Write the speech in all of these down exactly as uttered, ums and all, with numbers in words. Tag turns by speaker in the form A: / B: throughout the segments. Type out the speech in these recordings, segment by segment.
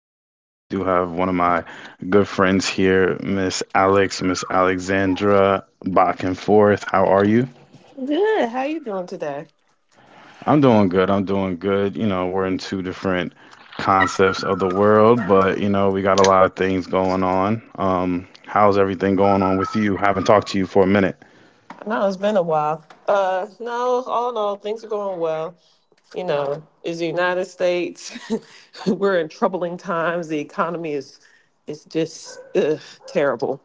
A: Mind. I do have one of my good friends here, Miss Alex, Miss Alexandra, back and forth. How are you?
B: Good. How you doing today?
A: I'm doing good. I'm doing good. You know, we're in two different concepts of the world, but you know, we got a lot of things going on. Um, how's everything going on with you? Haven't talked to you for a minute.
B: No, it's been a while. Uh, no, all in all, things are going well. You know, it's the United States. We're in troubling times. The economy is, is just ugh, terrible.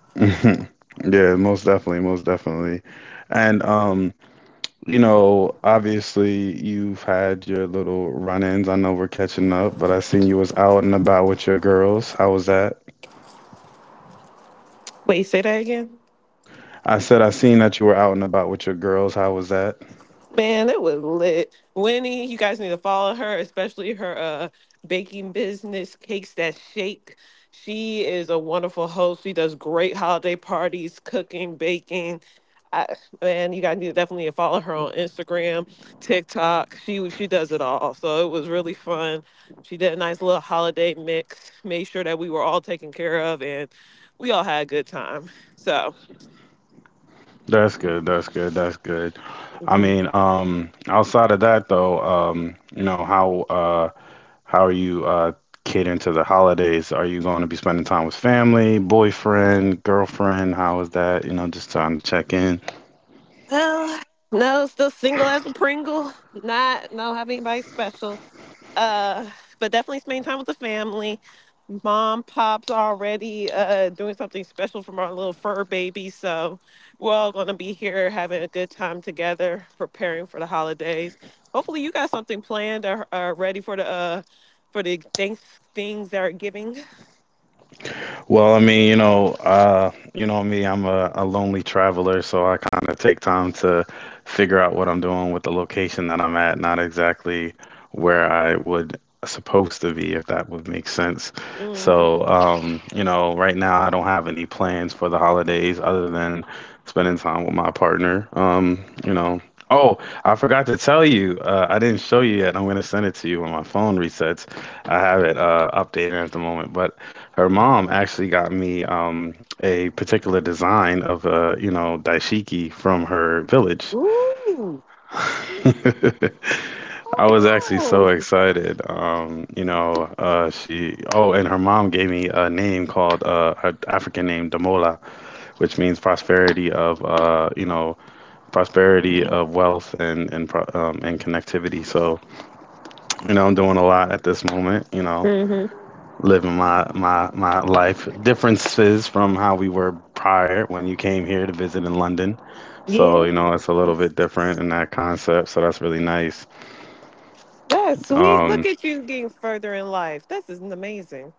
A: Mhm. Yeah, most definitely, most definitely. And um, you know, obviously you've had your little run-ins. I know we're catching up, but I seen you was out and about with your girls. How was that?
B: Wait, say that again.
A: I said I seen that you were out and about with your girls. How was that?
B: Man, it was lit. Winnie, you guys need to follow her, especially her uh baking business, Cakes That Shake. She is a wonderful host. She does great holiday parties, cooking, baking. I, man, you guys need to definitely follow her on Instagram, TikTok. She she does it all. So it was really fun. She did a nice little holiday mix, made sure that we were all taken care of and we all had a good time. So
A: That's good. That's good. That's good. I mean, um, outside of that though, um, you know, how uh. How are you uh, catering to the holidays? Are you going to be spending time with family, boyfriend, girlfriend? How is that? You know, just trying to check in.
B: Well, no, still single as a Pringle. Not Don't have anybody special. Uh, but definitely spending time with the family. Mom, pops are already uh doing something special for our little fur baby, so we're all gonna be here having a good time together, preparing for the holidays. Hopefully, you got something planned or are ready for the uh for the thanks things that are giving.
A: Well, I mean, you know, uh, you know me, I'm a, a lonely traveler, so I kind of take time to figure out what I'm doing with the location that I'm at, not exactly where I would supposed to be, if that would make sense.
B: Hmm.
A: So, um, you know, right now I don't have any plans for the holidays other than spending time with my partner. Um, you know, oh, I forgot to tell you, uh, I didn't show you yet. I'm gonna send it to you when my phone resets. I have it uh, updated at the moment, but. Her mom actually got me um, a particular design of a, you know, daishiki from her village.
B: Ooh.
A: I was actually
B: Oh.
A: so excited. Um, you know, uh, she, oh, and her mom gave me a name called, uh, her African name, Damola, which means prosperity of, uh, you know, prosperity of wealth and, and, pro- um, and connectivity. So, you know, I'm doing a lot at this moment, you know.
B: Hmm.
A: Living my my my life. Differences from how we were prior when you came here to visit in London. So, you know, it's a little bit
B: Yes.
A: different in that concept, so that's really nice.
B: That's sweet. Look at
A: Um
B: you getting further in life. This is amazing.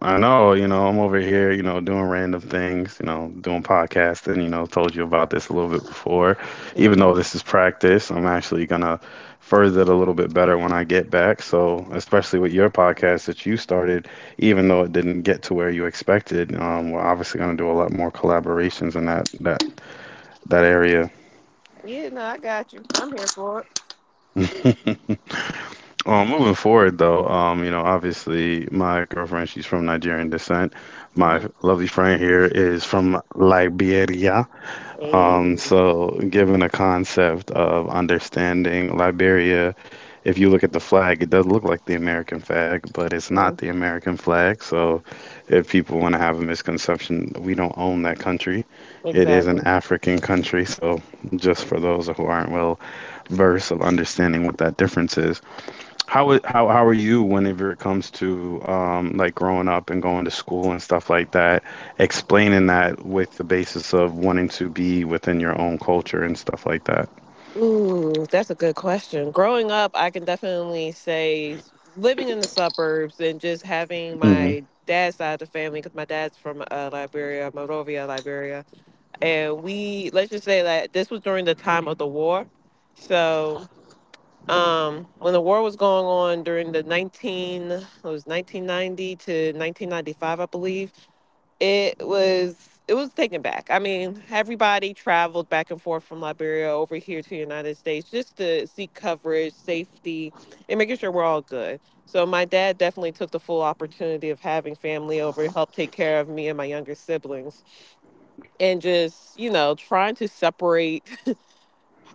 A: I know, you know, I'm over here, you know, doing random things, you know, doing podcasts and, you know, told you about this a little bit before. Even
B: Hmm.
A: though this is practice, I'm actually gonna further it a little bit better when I get back. So, especially with your podcast that you started, even though it didn't get to where you expected, um, we're obviously gonna do a lot more collaborations in that that that area.
B: Yeah, no, I got you. I'm here for it.
A: Um, moving forward though, um, you know, obviously my girlfriend, she's from Nigerian descent. My
B: Hmm.
A: lovely friend here is from Liberia.
B: Hey.
A: Um, so, given a concept of understanding Liberia, if you look at the flag, it does look like the American flag, but it's not
B: Mm.
A: the American flag. So, if people want to have a misconception, we don't own that country. It is an
B: Exactly.
A: African country. So, just for those who aren't well versed of understanding what that difference is, how I- how how are you whenever it comes to um like growing up and going to school and stuff like that, explaining that with the basis of wanting to be within your own culture and stuff like that?
B: Ooh, that's a good question. Growing up, I can definitely say s- living in the suburbs and just having
A: Hmm.
B: my dad's side of the family, because my dad's from uh, Liberia, Morovia, Liberia. And we, let's just say that this was during the time of the war. So um, when the war was going on during the nineteen it was nineteen ninety to nineteen ninety-five, I believe. It was it was taken back. I mean, everybody traveled back and forth from Liberia over here to the United States just to seek coverage, safety and making sure we're all good. So my dad definitely took the full opportunity of having family over, helped take care of me and my younger siblings, and just, you know, trying to separate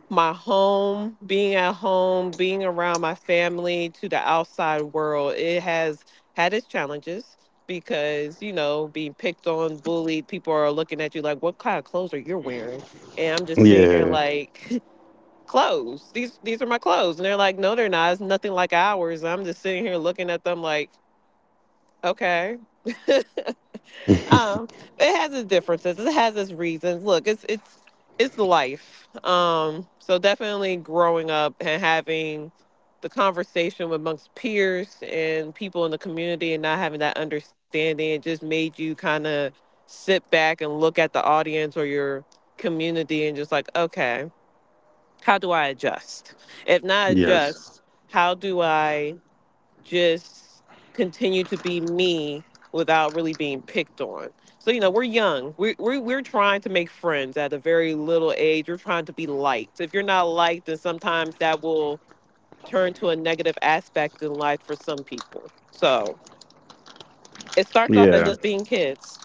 B: my home, being at home, being around my family, to the outside world. It has had its challenges because, you know, being picked on, bullied, people are looking at you like, what kind of clothes are you wearing? And I'm just sitting here
A: Yeah.
B: like, clothes. These these are my clothes. And they're like, no, they're not. It's nothing like ours. And I'm just sitting here looking at them like, okay. Um, it has its differences. It has its reasons. Look, it's it's it's life. Um, so definitely growing up and having the conversation amongst peers and people in the community and not having that understanding, it just made you kind of sit back and look at the audience or your community, and just like, okay, how do I adjust? If not
A: Yes.
B: adjust, how do I? Just continue to be me without really being picked on. So, you know, we're young. We we we're trying to make friends at a very little age. We're trying to be liked. If you're not liked, then sometimes that will turn to a negative aspect in life for some people. So it starts off as
A: Yeah.
B: us being kids.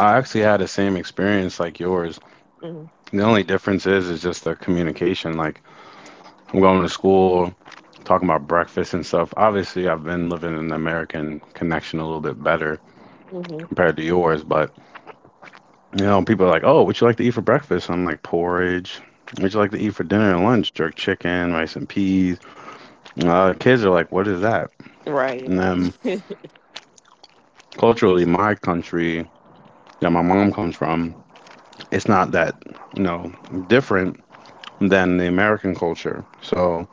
A: I actually had the same experience like yours.
B: Mm-hmm.
A: The only difference is is just the communication. Like I'm going to school, talking about breakfast and stuff. Obviously, I've been living in the American connection a little bit better
B: Mm-hmm.
A: compared to yours, but you know, people are like, "Oh, would you like to eat for breakfast?" I'm like, "Porridge." Would you like to eat for dinner and lunch? Jerk chicken, rice and peas. Uh, kids are like, "What is that?"
B: Right.
A: And then culturally, my country that my mom comes from, it's not that, you know, different than the American culture. So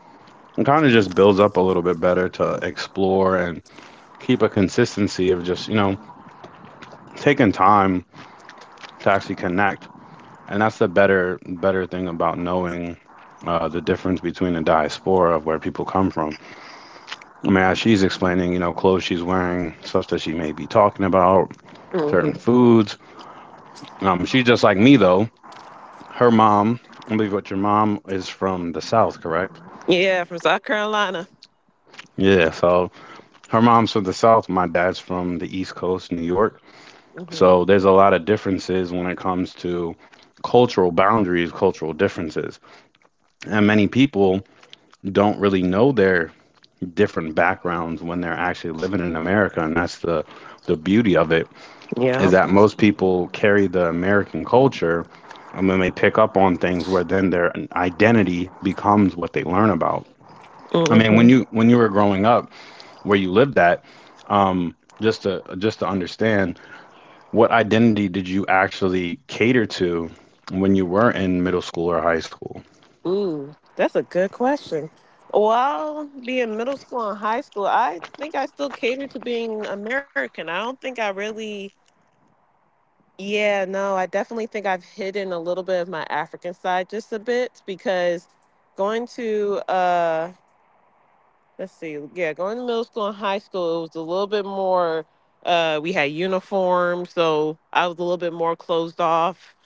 A: it kind of just builds up a little bit better to explore and keep a consistency of just, you know, taking time to actually connect. And that's the better better thing about knowing uh, the difference between the diaspora of where people come from. I mean, as she's explaining, you know, clothes she's wearing, stuff that she may be talking about, certain
B: Hmm.
A: foods. Um, she's just like me though. Her mom, I believe what your mom is from the South, correct?
B: Yeah, from South Carolina.
A: Yeah, so her mom's from the South, my dad's from the East Coast, New York.
B: Hmm.
A: So there's a lot of differences when it comes to cultural boundaries, cultural differences. And many people don't really know their different backgrounds when they're actually living in America, and that's the the beauty of it is
B: Yeah.
A: that most people carry the American culture, and then they pick up on things where then their identity becomes what they learn about. I mean, when
B: Mm-hmm.
A: you when you were growing up, where you lived at, um, just to just to understand, what identity did you actually cater to when you were in middle school or high school?
B: Ooh, that's a good question. While being middle school and high school, I think I still catered to being American. I don't think I really, yeah, No, I definitely think I've hidden a little bit of my African side just a bit because going to, uh, let's see, yeah, going to middle school and high school, it was a little bit more, uh, we had uniforms, so I was a little bit more closed off.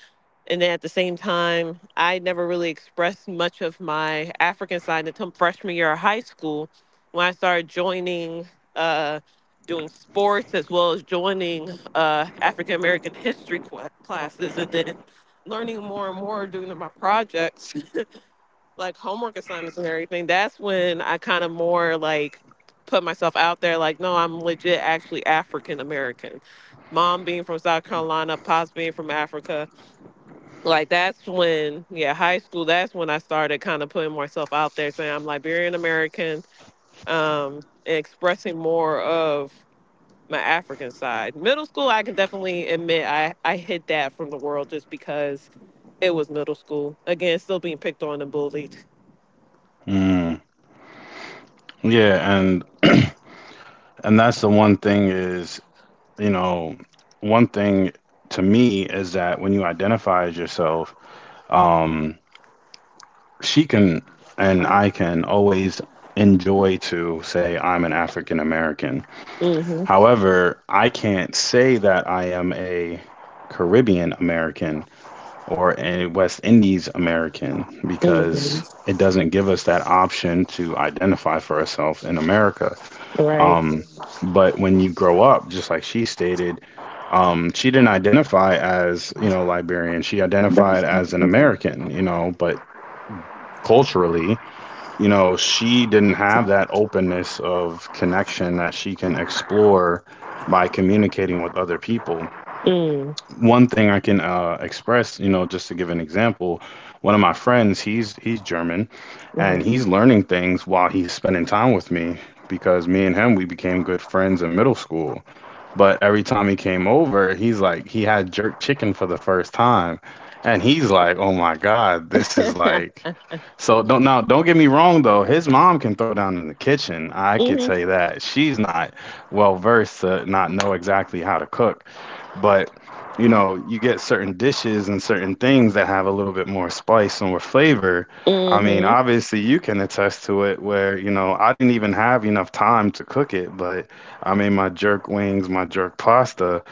B: And then at the same time, I never really expressed much of my African side until freshman year of high school when I started joining, uh, doing sports, as well as joining uh, African American history cla classes, and then learning more and more, doing my projects, like homework assignments and everything. That's when I kind of more like put myself out there like, no, I'm legit actually African American. Mom being from South Carolina, pops being from Africa, like that's when, yeah, high school, that's when I started kind of putting myself out there saying I'm Liberian American. Um and expressing more of my African side, middle school, I can definitely admit i i hid that from the world just because it was middle school. Again, still being picked on and bullied.
A: Mm, yeah, and and that's the one thing is you know, one thing to me is that when you identify as yourself, um, she can and I can always enjoy to say I'm an African American.
B: Hmm.
A: However, I can't say that I am a Caribbean American or a West Indies American because it doesn't give us that option to identify for ourselves in America.
B: Right.
A: Um, but when you grow up, just like she stated, um, she didn't identify as, you know, Liberian. She identified as an American, you know, but culturally, you know, she didn't have that openness of connection that she can explore by communicating with other people.
B: Mm-hmm.
A: One thing I can uh, express, you know, just to give an example, one of my friends, he's he's German, and he's learning things while he's spending time with me because me and him we became good friends in middle school. But every time he came over, he's like he had jerk chicken for the first time, and he's like, "Oh my God, this is like so don't, now don't get me wrong though." His mom can throw down in the kitchen. I could say that she's not well versed to not know exactly how to cook, but you know you get certain dishes and certain things that have a little bit more spice and more flavor. I mean, obviously you can attest to it where you know I didn't even have enough time to cook it, but I made my jerk wings, my jerk pasta,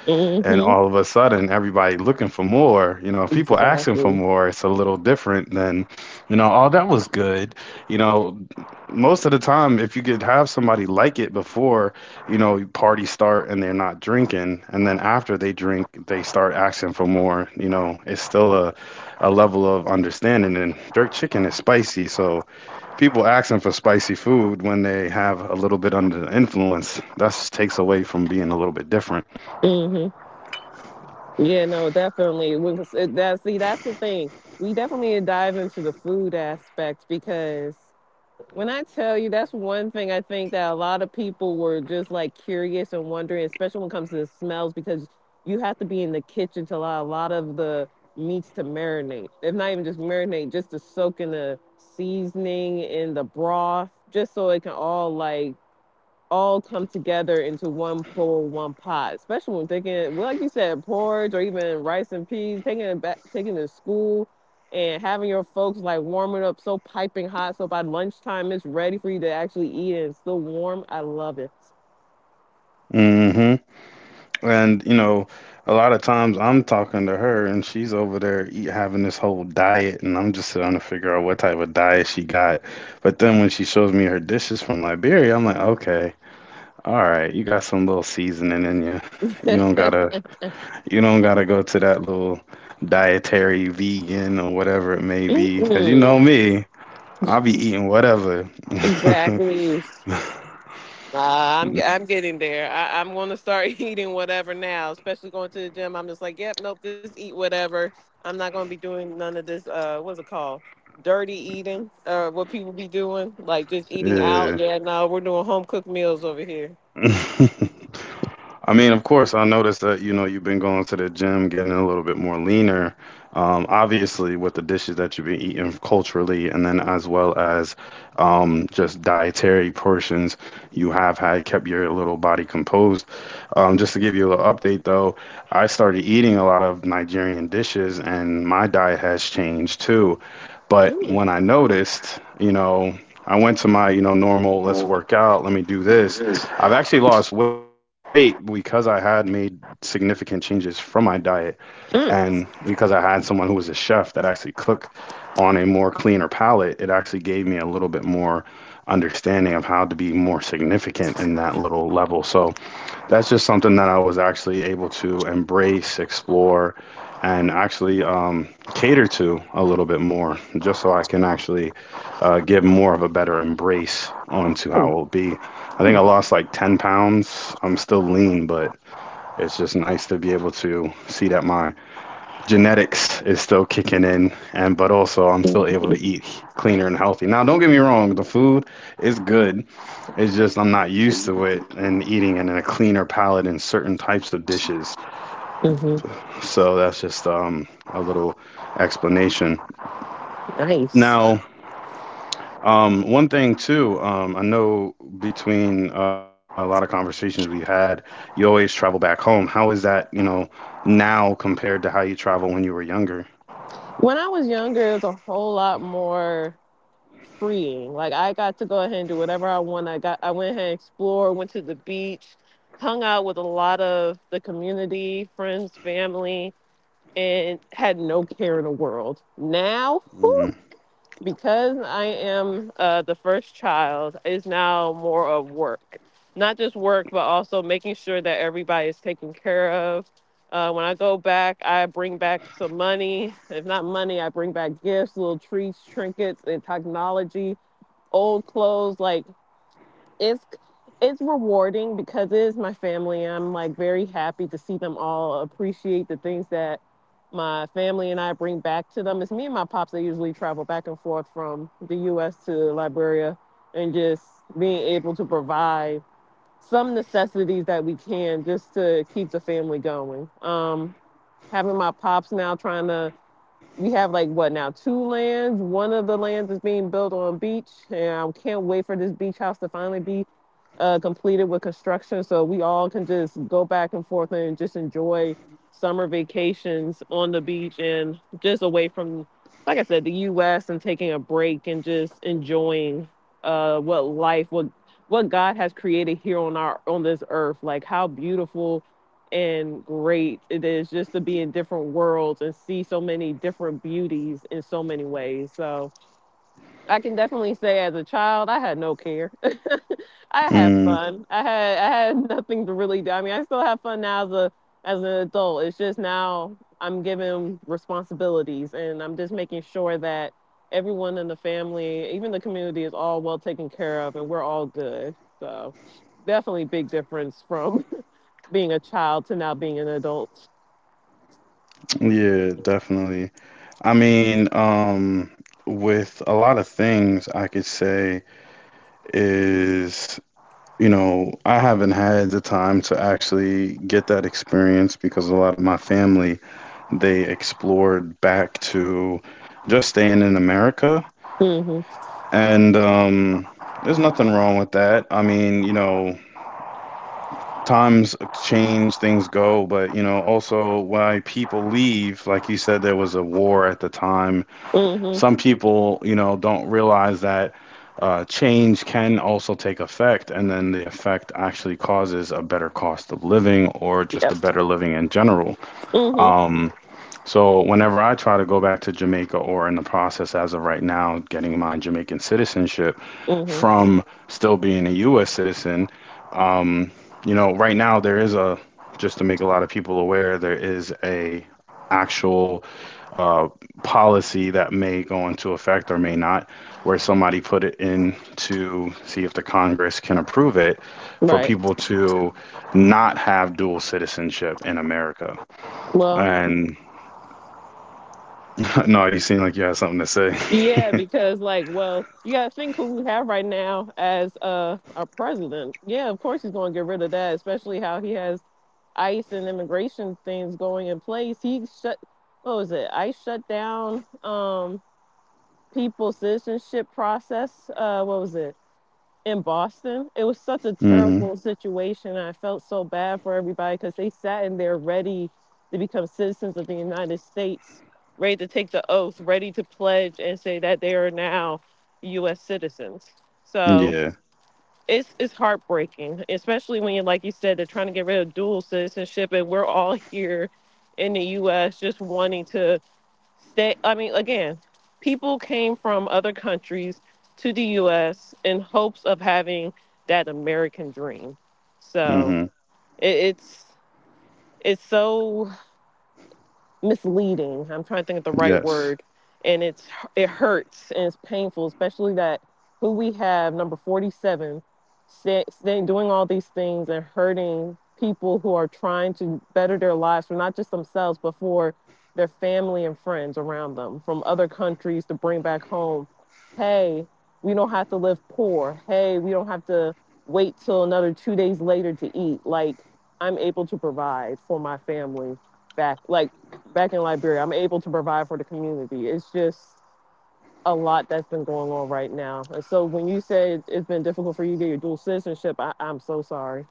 A: and all of a sudden everybody looking for more. You know, if people asking for more, it's a little different than you know, all that was good. You know, most of the time, if you could have somebody like it before, you know, parties start and they're not drinking, and then after they drink, they start asking for more. You know, it's still a, a level of understanding. And jerk chicken is spicy, so people asking for spicy food when they have a little bit under the influence, that just takes away from being a little bit different.
B: Yeah, no, definitely. We was, it, that, see, That's the thing. We definitely need to dive into the food aspect because when I tell you, that's one thing I think that a lot of people were just like curious and wondering, especially when it comes to the smells, because you have to be in the kitchen to allow a lot of the meats to marinate. If not even just marinate, just to soak in the seasoning, in the broth, just so it can all like all come together into one bowl, one pot. Especially when taking, well, like you said, porridge or even rice and peas, taking it back, taking it to school, and having your folks like warm it up so piping hot, so by lunchtime it's ready for you to actually eat, and it's still warm. I love it.
A: Hmm. And you know, a lot of times I'm talking to her and she's over there eat, having this whole diet, and I'm just trying to figure out what type of diet she got. But then when she shows me her dishes from Liberia, I'm like, okay, all right, you got some little seasoning in you. You don't gotta, you don't gotta go to that little dietary vegan or whatever it may be, because you know
B: Mm-mm.
A: me, I'll be eating whatever.
B: Exactly. Nah, I'm ge- I'm getting there. I, I'm going to start eating whatever now, especially going to the gym. I'm just like, yep, nope, just eat whatever. I'm not going to be doing none of this. Uh, what's it called? Dirty eating, or what people be doing, like just eating out.
A: Yeah.
B: Yeah, no, we're doing home cooked meals over here.
A: I mean, of course, I noticed that, you know, you've been going to the gym, getting a little bit more leaner. Um, obviously, with the dishes that you've been eating culturally, and then as well as um, just dietary portions, you have had kept your little body composed. Um, just to give you a little update, though, I started eating a lot of Nigerian dishes, and my diet has changed too. But
B: Mm.
A: when I noticed, you know, I went to my, you know, normal, let's work out, let me do this. I've actually lost weight because I had made significant changes from my diet
B: Mm.
A: and because I had someone who was a chef that actually cooked on a more cleaner palate, it actually gave me a little bit more understanding of how to be more significant in that little level. So that's just something that I was actually able to embrace, explore, and actually um, cater to a little bit more, just so I can actually uh, give more of a better embrace onto how it will be. I think I lost like ten pounds. I'm still lean, but it's just nice to be able to see that my genetics is still kicking in, and but also I'm still able to eat cleaner and healthy. Now, don't get me wrong, the food is good. It's just I'm not used to it and eating it in a cleaner palate in certain types of dishes,
B: Mm-hmm.
A: so that's just um, a little explanation.
B: Nice.
A: Now, um, one thing too, um, I know between a lot of conversations we had, you always travel back home. How is that, you know, now compared to how you travel when you were younger?
B: When I was younger, it was a whole lot more freeing. Like I got to go ahead and do whatever I want. I got I went ahead and explored, went to the beach, hung out with a lot of the community, friends, family, and had no care in the world. Now, whew,
A: Mm,
B: because I am uh, the first child, is now more of work. Not just work, but also making sure that everybody is taken care of. Uh, when I go back, I bring back some money. If not money, I bring back gifts, little treats, trinkets, and technology, old clothes. Like it's it's rewarding because it is my family. I'm like very happy to see them all appreciate the things that my family and I bring back to them. It's me and my pops that usually travel back and forth from the U S to Liberia, and just being able to provide some necessities that we can just to keep the family going. Um having my pops now trying to, we have like what now two lands, one of the lands is being built on beach, and I can't wait for this beach house to finally be uh, completed with construction, so we all can just go back and forth and just enjoy summer vacations on the beach and just away from, like I said, the U S, and taking a break and just enjoying uh, what life what what God has created here on our on this earth, like how beautiful and great it is just to be in different worlds and see so many different beauties in so many ways. So I can definitely say as a child I had no care. I had
A: mm,
B: fun. I had I had nothing to really do. I mean, I still have fun now as a as an adult. It's just now I'm given responsibilities and I'm just making sure that everyone in the family, even the community, is all well taken care of and we're all good. So definitely big difference from being a child to now being an adult.
A: yeah, definitely. I mean, um, with a lot of things, I could say is, you know, I haven't had the time to actually get that experience because a lot of my family, they explored back to just staying in America.
B: Mm-hmm.
A: And um, there's nothing wrong with that. I mean, you know, times change, things go, but, you know, also why people leave, like you said, there was a war at the time. Some
B: Mm-hmm.
A: people, you know, don't realize that uh, change can also take effect, and then the effect actually causes a better cost of living or just a
B: Yep.
A: better living in general.
B: Mm-hmm.
A: So whenever I try to go back to Jamaica, or in the process as of right now getting my Jamaican citizenship
B: Mm-hmm.
A: from still being a U S citizen, um, you know, right now there is a, just to make a lot of people aware, there is a actual uh, policy that may go into effect or may not, where somebody put it in to see if the Congress can approve it, for
B: Right.
A: people to not have dual citizenship in America.
B: Well,
A: And no, you seem like you have something to say.
B: yeah, because like, well, you gotta think who we have right now as uh our president. Yeah, of course he's gonna get rid of that, especially how he has ICE and immigration things going in place. He shut, what was it? ICE shut down um people's citizenship process. Uh, what was it? In Boston. It was such a
A: hmm
B: terrible situation. I felt so bad for everybody because they sat in there ready to become citizens of the United States, ready to take the oath, ready to pledge and say that they are now U S citizens. So
A: Yeah.
B: it's it's heartbreaking, especially when, like you said, they're trying to get rid of dual citizenship, and we're all here in the U S just wanting to stay. I mean, again, people came from other countries to the U S in hopes of having that American dream. So
A: hmm
B: it, it's it's so misleading. I'm trying to think of the right
A: Yes.
B: word, and it's it hurts and it's painful, especially that who we have number forty-seven say, say- doing all these things and hurting people who are trying to better their lives for not just themselves but for their family and friends around them from other countries to bring back home. Hey, we don't have to live poor. Hey, we don't have to wait till another two days later to eat. Like I'm able to provide for my family back. Like back in Liberia. I'm able to provide for the community. It's just a lot that's been going on right now. And so when you said it's been difficult for you to get your dual citizenship, I, I'm so sorry.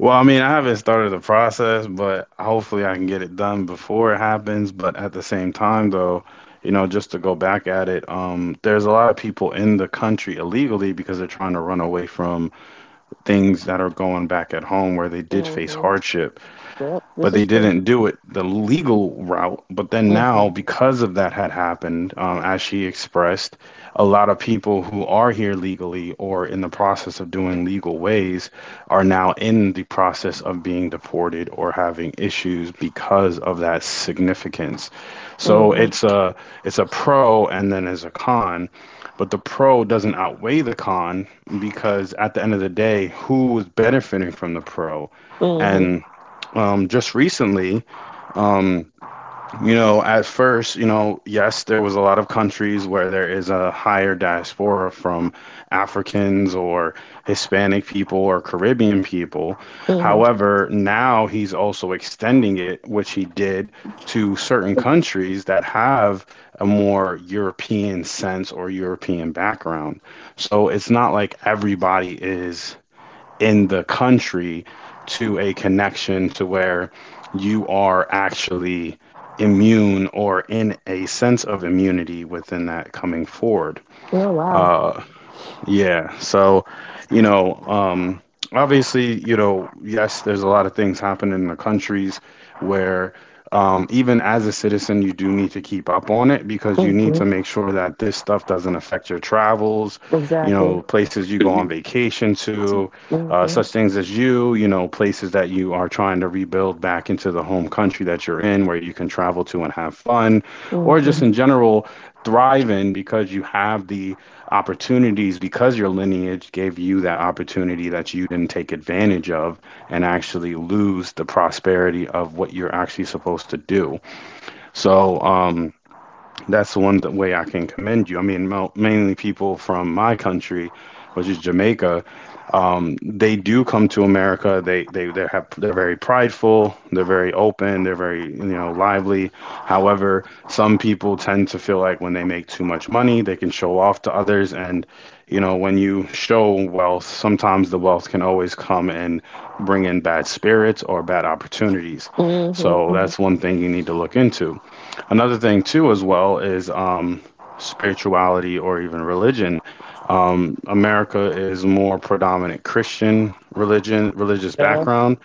A: Well, I mean, I haven't started the process, but hopefully I can get it done before it happens. But at the same time, though, you know, just to go back at it, um, there's a lot of people in the country illegally because they're trying to run away from things that are going back at home where they did face
B: Mm-hmm.
A: hardship.
B: Yep,
A: But
B: this
A: they
B: is true.
A: didn't do it the legal route. But then
B: Mm-hmm.
A: now, because of that had happened, um, as she expressed, a lot of people who are here legally or in the process of doing legal ways are now in the process of being deported or having issues because of that significance. So it's
B: Mm-hmm.
A: a, it's a pro and then as a con, but the pro doesn't outweigh the con, because at the end of the day, who's benefiting from the pro?
B: Mm-hmm.
A: and um, just recently, you know, at first, you know, yes, there was a lot of countries where there is a higher diaspora from Africans or Hispanic people or Caribbean people.
B: Mm-hmm.
A: However, now he's also extending it, which he did, to certain countries that have a more European sense or European background. So it's not like everybody is in the country to a connection to where you are actually immune or in a sense of immunity within that coming forward.
B: Oh wow.
A: Yeah. So, you know, um, obviously, you know, yes, there's a lot of things happening in the countries where, um, even as a citizen, you do need to keep up on it because you
B: Hmm.
A: need to make sure that this stuff doesn't affect your travels, you
B: Exactly.
A: know, places you go on vacation to, uh,
B: Mm-hmm.
A: such things as you, you know, places that you are trying rebuild back into the home country that you're in where you can travel to and have fun, or
B: Mm-hmm.
A: just in general thrive in because you have the opportunities, because your lineage gave you that opportunity that you didn't take advantage of and actually lose the prosperity of what you're actually supposed to do. So um, that's the one way I can commend you. I mean, mainly people from my country, which is Jamaica, they do come to America. They they they have, they're very prideful, they're very open, they're very, you know, lively. However, some people tend to feel like when they make too much money, they can show off to others. And you know, when you show wealth, sometimes the wealth can always come and bring in bad spirits or bad opportunities. So that's
B: Mm-hmm.
A: one thing you need to look into. Another thing too as well is, um, spirituality or even religion. America is more predominant Christian religion, religious
B: Yeah.
A: background.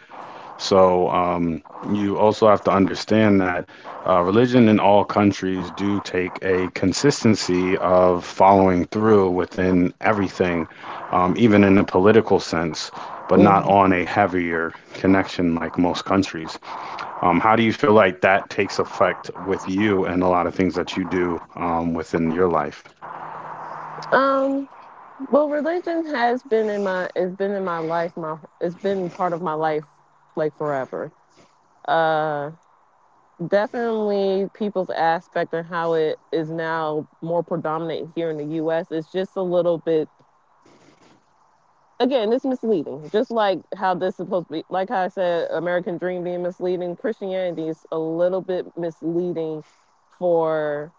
A: So um, you also have to understand that uh, religion in all countries do take a consistency of following through within everything, um, even in a political sense, but not
B: Hmm.
A: on a heavier connection like most countries. Um, how do you feel like that takes effect with you and a lot of things that you do um, within your life?
B: Um. Well, religion has been in my it's been in my life. My it's been part of my life like forever. Uh, Definitely people's aspect and how it is now more predominant here in the U S is just a little bit. Again, it's misleading. Just like how this is supposed to be, like how I said, American Dream being misleading, Christianity is a little bit misleading for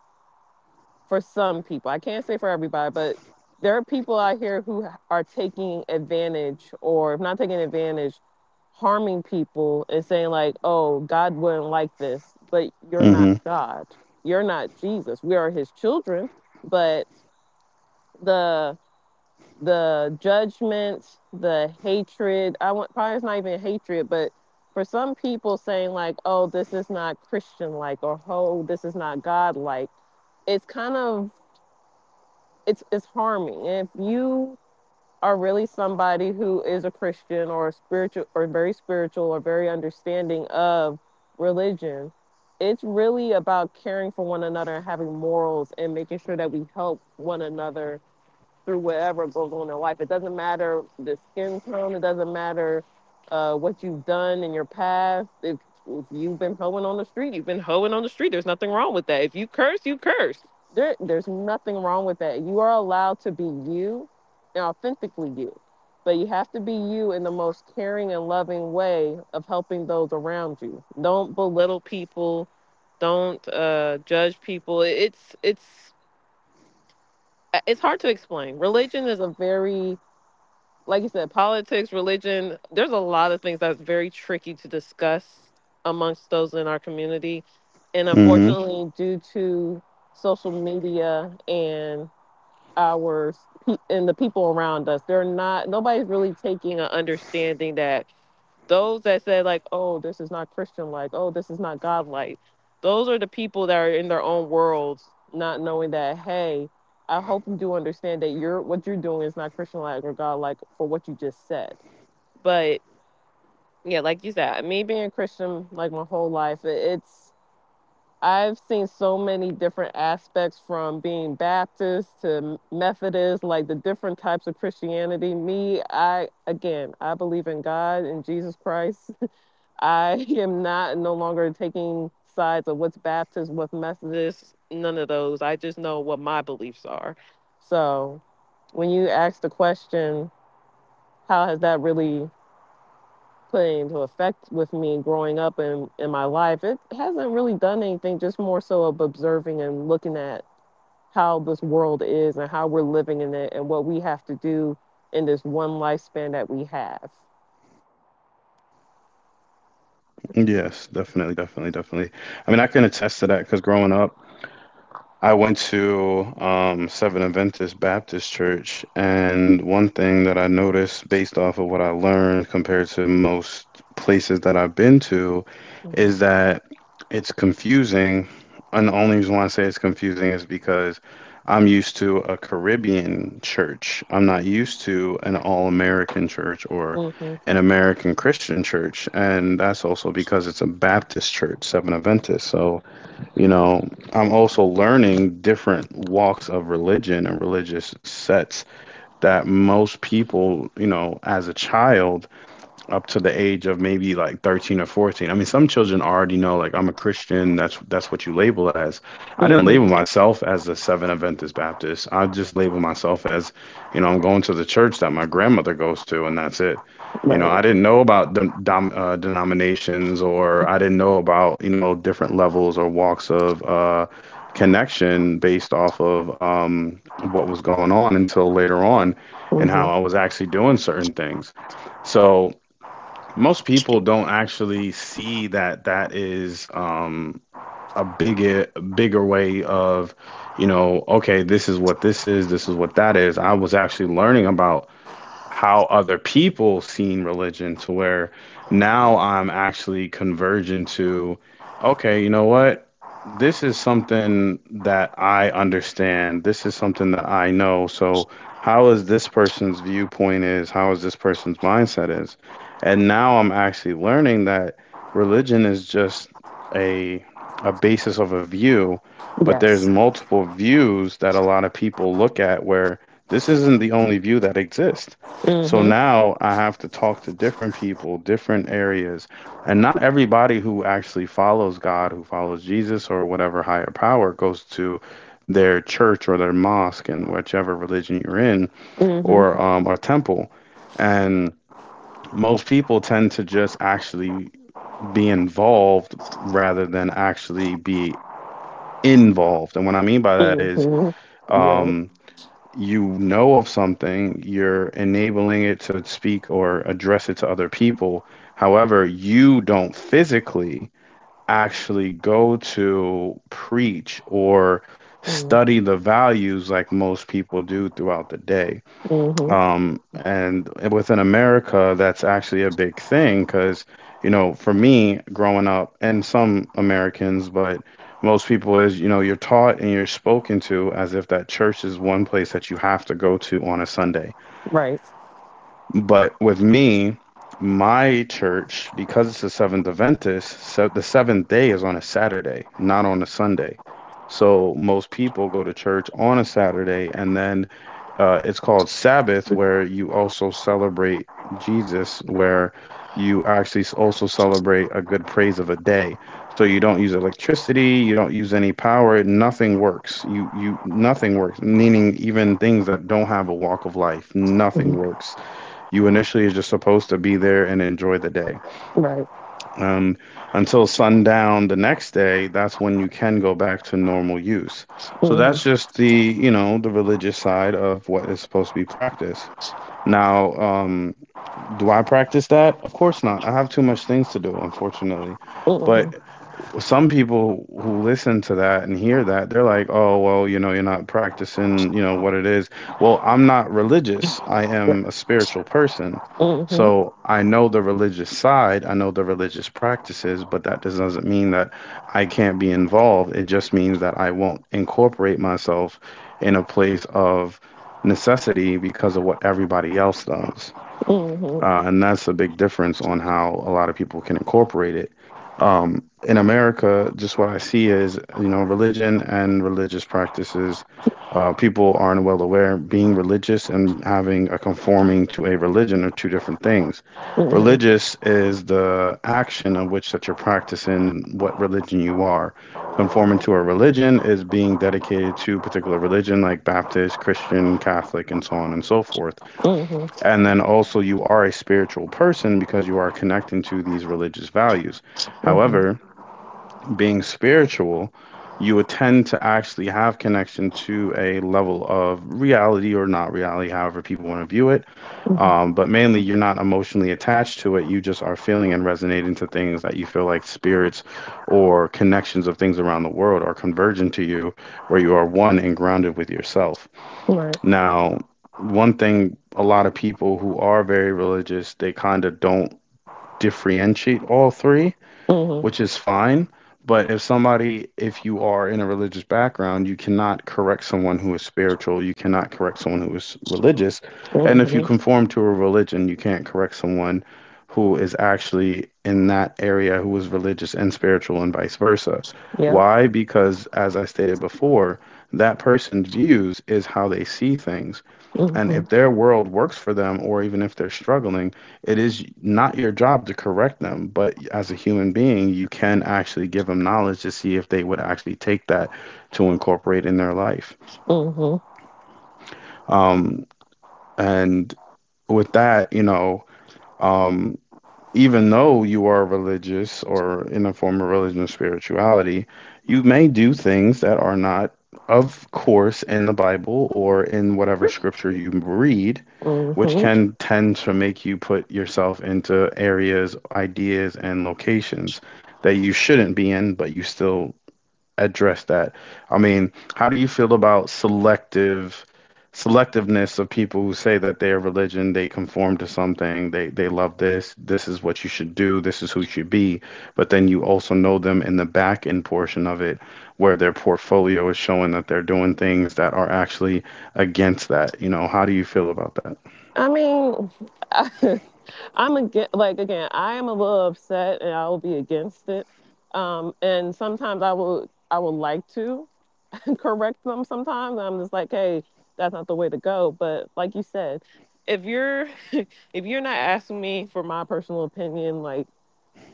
B: for some people. I can't say for everybody, but there are people out here who are taking advantage, or if not taking advantage, harming people and saying like, "Oh, God wouldn't like this," but you're
A: Mm-hmm.
B: not God. You're not Jesus. We are His children, but the the judgments, the hatred. I want Probably it's not even hatred, but for some people saying like, "Oh, this is not Christian like," or "Oh, this is not God like," it's kind of, it's it's harming. And if you are really somebody who is a Christian or a spiritual or very spiritual or very understanding of religion, it's really about caring for one another and having morals and making sure that we help one another through whatever goes on in life. It doesn't matter the skin tone. It doesn't matter uh, what you've done in your past. If, if you've been hoeing on the street, you've been hoeing on the street. There's nothing wrong with that. If you curse, you curse. There, there's nothing wrong with that. You are allowed to be you and authentically you. But you have to be you in the most caring and loving way of helping those around you. Don't belittle people. Don't uh, judge people. It's it's it's hard to explain. Religion is a very, like you said, politics, religion, there's a lot of things that's very tricky to discuss amongst those in our community. And
A: Mm-hmm.
B: unfortunately, due to social media and our pe- and the people around us, they're not nobody's really taking an understanding that those that said like, "Oh, this is not Christian like," "Oh, this is not God like," those are the people that are in their own worlds not knowing that, hey, I hope you do understand that you're what you're doing is not Christian like or God like for what you just said. But, yeah, like you said, me being Christian like my whole life, it's I've seen so many different aspects from being Baptist to Methodist, like the different types of Christianity. Me, I, again, I believe in God and Jesus Christ. I am not no longer taking sides of what's Baptist, what's Methodist, none of those. I just know what my beliefs are. So when you ask the question, how has that really put into effect with me growing up in, in my life? It hasn't really done anything, just more so of observing and looking at how this world is and how we're living in it and what we have to do in this one lifespan that we have.
A: Yes, definitely, definitely, definitely. I mean, I can attest to that because growing up, I went to um, Seven Adventist Baptist Church, and one thing that I noticed based off of what I learned compared to most places that I've been to is
B: Hmm.
A: that it's confusing. And the only reason why I say it's confusing is because I'm used to a Caribbean church. I'm not used to an all-American church or
B: Hmm.
A: an American Christian church. And that's also because it's a Baptist church, Seven Adventist. So you know, I'm also learning different walks of religion and religious sets that most people, you know, as a child up to the age of maybe like thirteen or fourteen. I mean, some children already know, like, I'm a Christian, that's that's what you label as. I didn't
B: Hmm.
A: label myself as a Seventh Adventist Baptist. I just label myself as, you know, I'm going to the church that my grandmother goes to, and that's it. You know,
B: Right.
A: I didn't know about dem- dom- uh, denominations, or I didn't know about, you know, different levels or walks of uh connection based off of um what was going on until later on and how
B: Hmm.
A: I was actually doing certain things. So most people don't actually see that that is um a bigger bigger way of, you know, okay, this is what this is, this is what that is. I was actually learning about how other people seen religion, to where now I'm actually converging to, okay, you know what? This is something that I understand. This is something that I know. So how is this person's viewpoint is? How is this person's mindset is? And now I'm actually learning that religion is just a a basis of a view, but there's
B: Yes.
A: multiple views that a lot of people look at, where this isn't the only view that exists. So
B: Mm-hmm.
A: now I have to talk to different people, different areas, and not everybody who actually follows God, who follows Jesus or whatever higher power, goes to their church or their mosque and whichever religion you're in,
B: Hmm.
A: or
B: Hmm.
A: um or temple. And most people tend to just actually be involved rather than actually be involved. And what I mean by that is
B: Yeah.
A: um you know of something, you're enabling it to speak or address it to other people. However, you don't physically actually go to preach or study the values like most people do throughout the day.
B: Mm-hmm.
A: Um, and within America, that's actually a big thing because, you know, for me growing up, and some Americans, but most people is, you know, you're taught and you're spoken to as if that church is one place that you have to go to on a Sunday.
B: Right.
A: But with me, my church, because it's the Seventh Adventist, so the seventh day is on a Saturday, not on a Sunday. So most people go to church on a Saturday, and then uh, it's called Sabbath, where you also celebrate Jesus, where you actually also celebrate a good praise of a day. So you don't use electricity, you don't use any power, nothing works. You you nothing works, meaning even things that don't have a walk of life, nothing
B: Mhm.
A: works. You initially are just supposed to be there and enjoy the day.
B: Right.
A: Um, until sundown the next day, that's when you can go back to normal use. So
B: Hmm.
A: that's just the, you know, the religious side of what is supposed to be practiced. Now, um, do I practice that? Of course not. I have too much things to do, unfortunately.
B: Hmm.
A: But some people who listen to that and hear that, they're like, oh, well, you know, you're not practicing, you know, what it is. Well, I'm not religious. I
B: Right.
A: am a spiritual person.
B: Hmm.
A: So I know the religious side, I know the religious practices, but that does- doesn't mean that I can't be involved. It just means that I won't incorporate myself in a place of necessity because of what everybody else does.
B: Hmm.
A: Uh, and that's a big difference on how a lot of people can incorporate it um, in America. Just what I see is, you know, religion and religious practices. Uh, people aren't well aware being religious and having a conforming to a religion are two different things.
B: Hmm.
A: Religious is the action of which that you're practicing what religion you are. Conforming to a religion is being dedicated to a particular religion, like Baptist, Christian, Catholic, and so on and so forth.
B: Hmm.
A: And then also, you are a spiritual person because you are connecting to these religious values. However, being spiritual, you would tend to actually have connection to a level of reality or not reality, however people want to view it.
B: Hmm.
A: Um, but mainly, you're not emotionally attached to it. You just are feeling and resonating to things that you feel like spirits or connections of things around the world are converging to you, where you are one and grounded with yourself.
B: Right.
A: Now, one thing a lot of people who are very religious, they kind of don't differentiate all three,
B: Hmm.
A: which is fine. But if somebody, if you are in a religious background, you cannot correct someone who is spiritual. You cannot correct someone who is religious. And if you
B: Hmm.
A: conform to a religion, you can't correct someone who is actually in that area who is religious and spiritual and vice versa.
B: Yep.
A: Why? Because, as I stated before, that person's views is how they see things.
B: Hmm.
A: And if
B: Hmm.
A: their world works for them, or even if they're struggling, it is not your job to correct them. But as a human being, you can actually give them knowledge to see if they would actually take that to incorporate in their life.
B: Hmm.
A: Um, and with that, you know, um, Even though you are religious or in a form of religion or spirituality, you may do things that are not, of course, in the Bible or in whatever scripture you read, which
B: I
A: can tend to make you put yourself into areas, ideas, and locations that you shouldn't be in, but you still address that. I mean, how do you feel about selective selectiveness of people who say that their religion, they conform to something, they they love this, this is what you should do, this is who you should be, but then you also know them in the back end portion of it where their portfolio is showing that they're doing things that are actually against that. You know, how do you feel about that?
B: mean, I'm again, like again, I am a little upset, and I will be against it. Um, and sometimes I will, I would like to correct them sometimes. I'm just like, hey, that's not the way to go. But like you said, if you're if you're not asking me for my personal opinion, like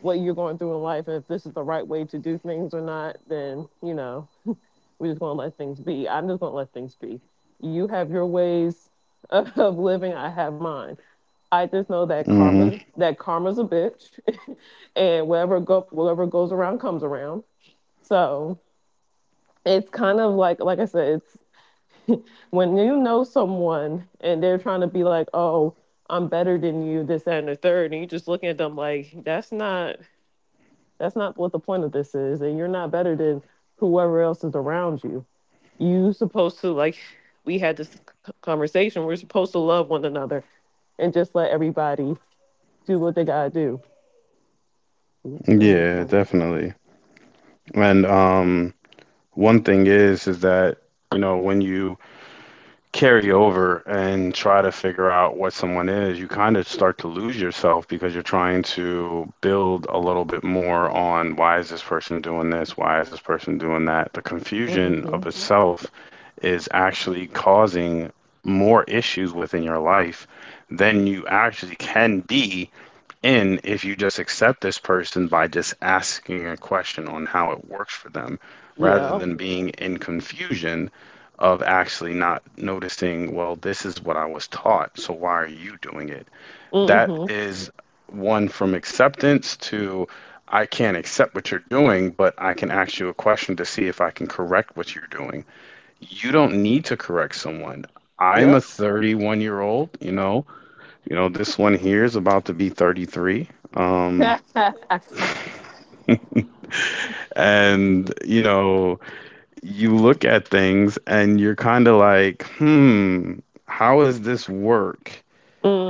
B: what you're going through in life, and if this is the right way to do things or not, then, you know we're just gonna let things be. I'm just gonna let things be. You have your ways of of living. I have mine. I just know that
A: Hmm.
B: karma that karma's a bitch, and whatever go whatever goes around comes around. So it's kind of, like like I said, it's. When you know someone and they're trying to be like, "Oh, I'm better than you," this, that, and the third, and you just looking at them like, "That's not that's not what the point of this is," and you're not better than whoever else is around you. You supposed to, like, we had this conversation. We're supposed to love one another and just let everybody do what they gotta do. Let me just
A: Yeah,
B: go.
A: definitely. And um, one thing is, is that, you know, when you carry over and try to figure out what someone is, you kind of start to lose yourself because you're trying to build a little bit more on why is this person doing this? Why is this person doing that? The confusion of
B: Mm-hmm.
A: itself is actually causing more issues within your life than you actually can be, and if you just accept this person by just asking a question on how it works for them, rather
B: Yeah.
A: than being in confusion of actually not noticing, well, this is what I was taught, so why are you doing it? That
B: Mm-hmm.
A: is one from acceptance to I can't accept what you're doing, but I can ask you a question to see if I can correct what you're doing. You don't need to correct someone. I'm a
B: Yep.
A: thirty-one year old, you know. You know, this one here is about to be thirty-three. Um, and, you know, you look at things and you're kind of like, hmm, how does this work?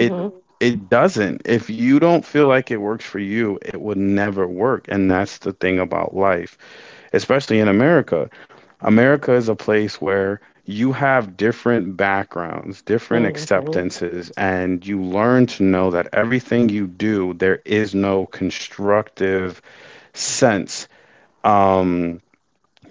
A: It Mm. it doesn't. If you don't feel like it works for you, it would never work. And that's the thing about life, especially in America. America is a place where you have different backgrounds, different
B: Mm-hmm.
A: acceptances, and you learn to know that everything you do, there is no constructive sense. Um,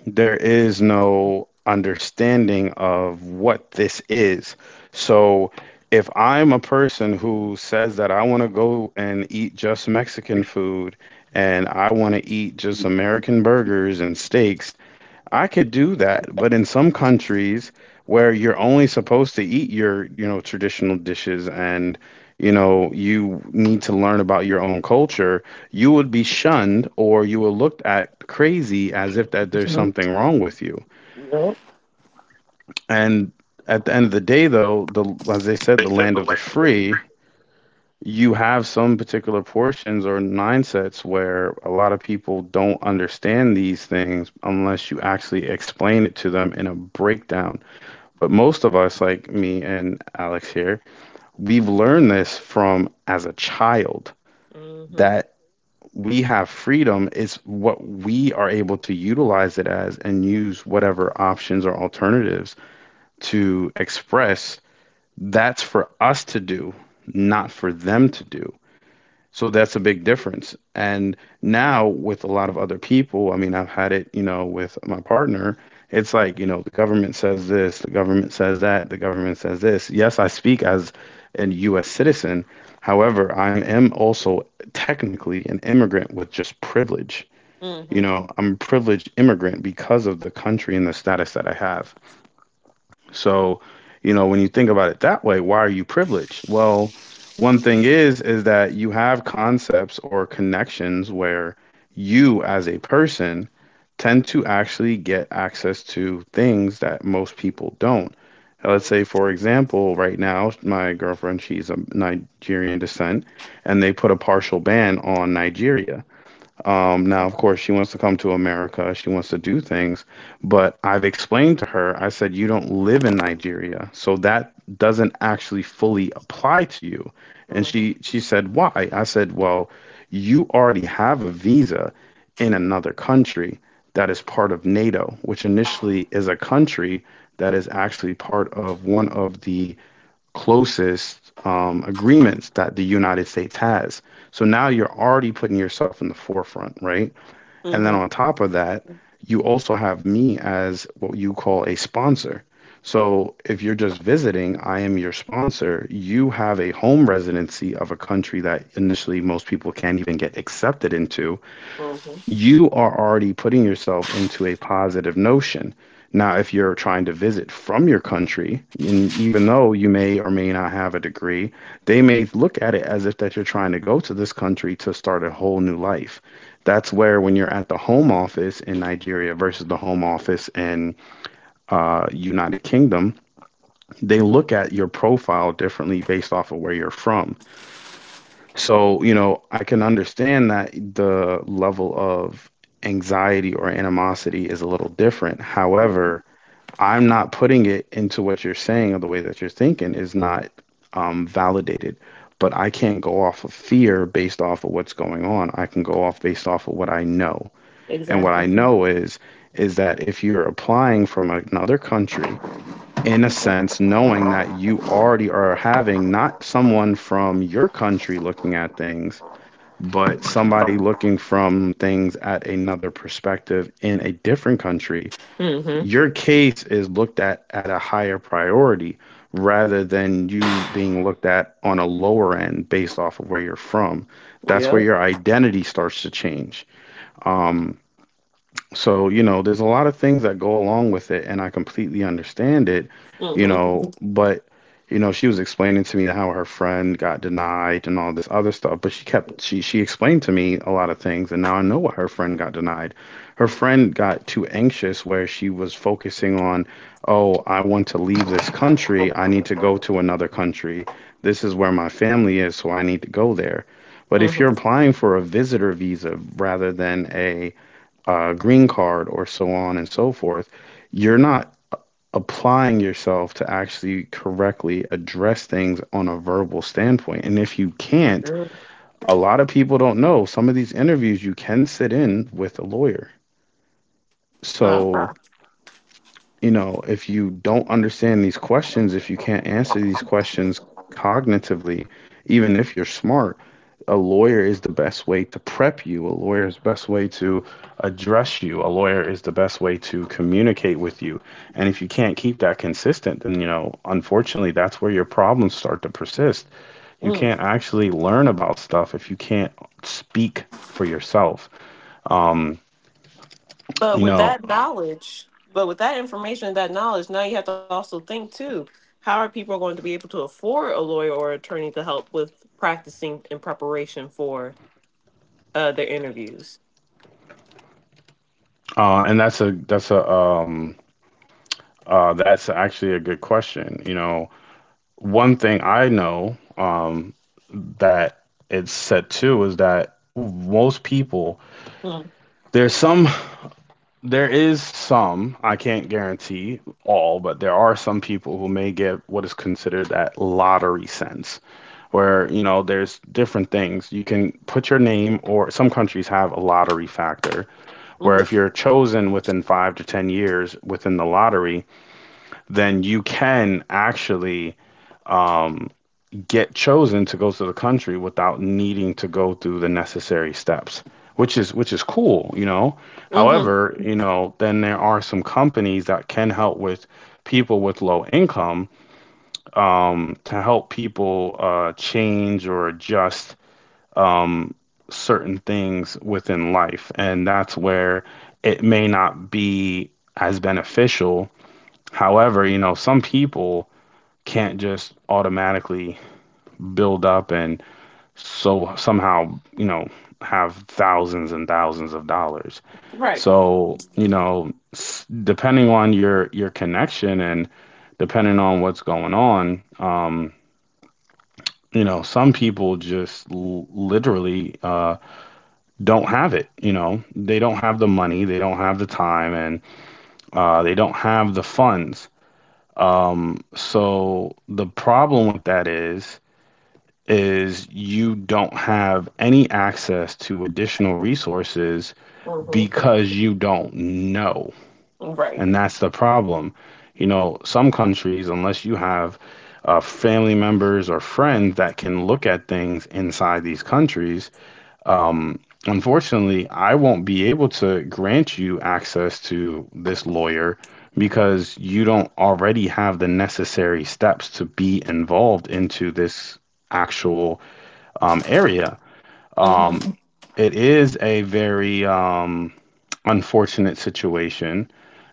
A: there is no understanding of what this is. So if I'm a person who says that I want to go and eat just Mexican food and I want to eat just American burgers and steaks, I could do that, but in some countries where you're only supposed to eat your, you know, traditional dishes and, you know, you need to learn about your own culture, you would be shunned or you were looked at crazy as if that there's
B: Mm-hmm.
A: something wrong with you.
B: Yep.
A: And at the end of the day, though, the as they said, the
B: They
A: land
B: said the
A: of the
B: land of the.
A: free, you have some particular portions or mindsets where a lot of people don't understand these things unless you actually explain it to them in a breakdown. But most of us, like me and Alex here, we've learned this from as a child
B: Mm-hmm.
A: that we have freedom is what we are able to utilize it as and use whatever options or alternatives to express. That's for us to do, not for them to do. So that's a big difference. And now with a lot of other people, I mean, I've had it, you know, with my partner. It's like, you know, the government says this, the government says that, the government says this. Yes, I speak as an U S citizen. However, I am also technically an immigrant with just privilege. You
B: Mm-hmm.
A: know, I'm a privileged immigrant because of the country and the status that I have. So, you know, when you think about it that way, why are you privileged? Well, one thing is is that you have concepts or connections where you as a person tend to actually get access to things that most people don't. Uh, Let's say, for example, right now, my girlfriend, she's of Nigerian descent, and they put a partial ban on Nigeria. Um, now, of course, she wants to come to America. She wants to do things. But I've explained to her, I said, you don't live in Nigeria. So that doesn't actually fully apply to you. And
B: Mm-hmm.
A: she, she said, why? I said, well, you already have a visa in another country that is part of NATO, which initially is a country that is actually part of one of the closest um, agreements that the United States has. So now you're already putting yourself in the forefront, right? And then on
B: Mm-hmm.
A: top of that, you also have me as what you call a sponsor. So if you're just visiting, I am your sponsor. You have a home residency of a country that initially most people can't even get accepted into.
B: Mm-hmm.
A: You are already putting yourself into a positive notion. Now, if you're trying to visit from your country, and even though you may or may not have a degree, they may look at it as if that you're trying to go to this country to start a whole new life. That's where when you're at the home office in Nigeria versus the home office in uh, United Kingdom, they look at your profile differently based off of where you're from. So, you know, I can understand that the level of anxiety or animosity is a little different. However, I'm not putting it into what you're saying or the way that you're thinking is not um, validated. But I can't go off of fear based off of what's going on. I can go off based off of what I know. And what I
B: Exactly.
A: know is is that if you're applying from another country, in a sense, knowing that you already are having not someone from your country looking at things, but somebody looking from things at another perspective in a different country,
B: Mm-hmm.
A: your case is looked at at a higher priority rather than you being looked at on a lower end based off of where you're from. That's where
B: Yep.
A: your identity starts to change. So, you know, there's a lot of things that go along with it, and I completely understand it, you know,
B: Mm-hmm.
A: but, you know, she was explaining to me how her friend got denied and all this other stuff, but she kept, she, she explained to me a lot of things, and now I know why her friend got denied. Her friend got too anxious where she was focusing on, oh, I want to leave this country. I need to go to another country. This is where my family is, so I need to go there. But if you're
B: Mm-hmm.
A: applying for a visitor visa rather than a uh, green card or so on and so forth, you're not applying yourself to actually correctly address things on a verbal standpoint. And if you can't, a lot of people don't know some of these interviews you can sit in with a lawyer.
B: Ah.
A: So you know, if you don't understand these questions, if you can't answer these questions cognitively, even if you're smart, a lawyer is the best way to prep you. A lawyer is the best way to address you. A lawyer is the best way to communicate with you. And if you can't keep that consistent, then, you know, unfortunately, that's where your problems start to persist. You
B: Mm.
A: can't actually learn about stuff if you can't speak for yourself. Um,
B: But
A: you
B: with
A: know,
B: that knowledge, but with that information and that knowledge, now you have to also think too. How are people going to be able to afford a lawyer or attorney to help with practicing in preparation for uh, their interviews?
A: uh, and that's a that's a um, Uh, that's actually a good question. You know, one thing I know um, that it's set to is that most people,
B: Mm.
A: there's some, there is some, I can't guarantee all, but there are some people who may get what is considered that lottery sense, where, you know, there's different things. You can put your name, or some countries have a lottery factor,
B: Mm-hmm.
A: where if you're chosen within five to ten years within the lottery, then you can actually get chosen to go to the country without needing to go through the necessary steps, which is which is cool, you know.
B: Mm-hmm.
A: However, you know, then there are some companies that can help with people with low income, um, to help people uh, change or adjust certain things within life, and that's where it may not be as beneficial. However, you know, some people can't just automatically build up and. so somehow, you know, have thousands and thousands of dollars.
B: Right.
A: So you know, s- depending on your your connection and depending on what's going on, um you know, some people just l- literally, uh don't have it. You know, they don't have the money, they don't have the time, and uh they don't have the funds. um so the problem with that is is you don't have any access to additional resources
B: Mm-hmm.
A: because you don't know. And
B: Right.
A: that's the problem. You know, some countries, unless you have uh, family members or friends that can look at things inside these countries, um, unfortunately, I won't be able to grant you access to this lawyer because you don't already have the necessary steps to be involved into this actual, um, area.
B: Mm-hmm.
A: Um, it is a very, um, unfortunate situation.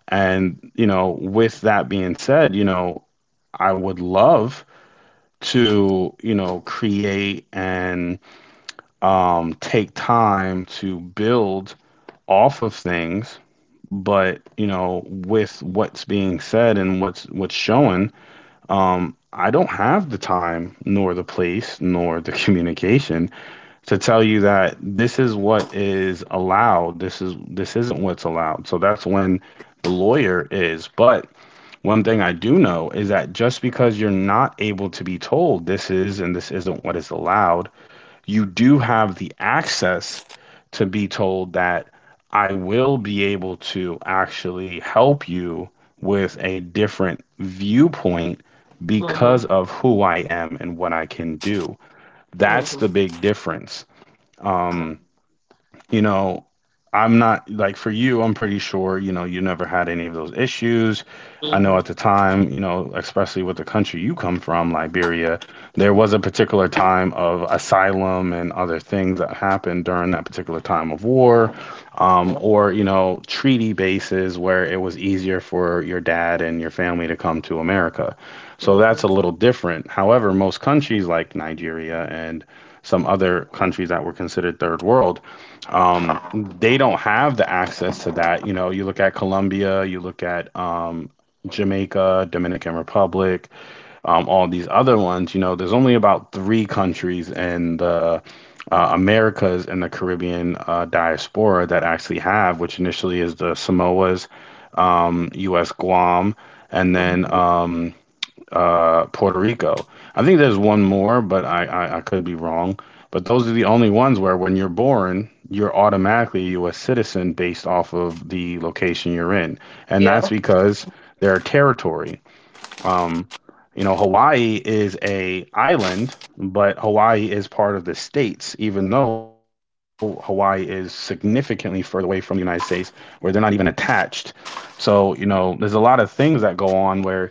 A: And, you know, with that being said, you know, I would love to, you know, create and, um, take time to build off of things. But, you know, with what's being said and what's what's shown, um, I don't have the time nor the place nor the communication to tell you that this is what is allowed, this is this isn't what's allowed. So that's when the lawyer is. But one thing I do know is that just because you're not able to be told this is and this isn't what is allowed, you do have the access to be told that I will be able to actually help you with a different viewpoint
B: Mm-hmm.
A: because of who I am and what I can do. That's the
B: Mm-hmm.
A: big difference. Um you know, I'm not like for you, I'm pretty sure, you know, you never had any of those issues. I
B: Mhm.
A: know at the time, you know, especially with the country you come from, Liberia, there was a particular time of asylum and other things that happened during that particular time of war,
B: Yep.
A: um, or, you know, treaty bases where it was easier for your dad and your family to come to America. So that's a
B: Mhm.
A: little different. However, most countries like Nigeria and some other countries that were considered third world, they don't have the access to that. You know, you look at Colombia, you look at um, Jamaica, Dominican Republic, um, all these other ones. You know, there's only about three countries in the, uh, Americas and the Caribbean, uh, diaspora that actually have, which initially is the Samoas, um, U S. Guam, and then
B: Mhm.
A: um, uh, Puerto Rico. I think there's one more, but I, I, I could be wrong. But those are the only ones where when you're born, you're automatically a U S citizen based off of the location you're in. And that's
B: Yep.
A: because they're a territory. You know, Hawaii is a island, but Hawaii is part of the states, even though Hawaii is significantly further away from the United States, where they're not even attached. So, you know, there's a lot of things that go on where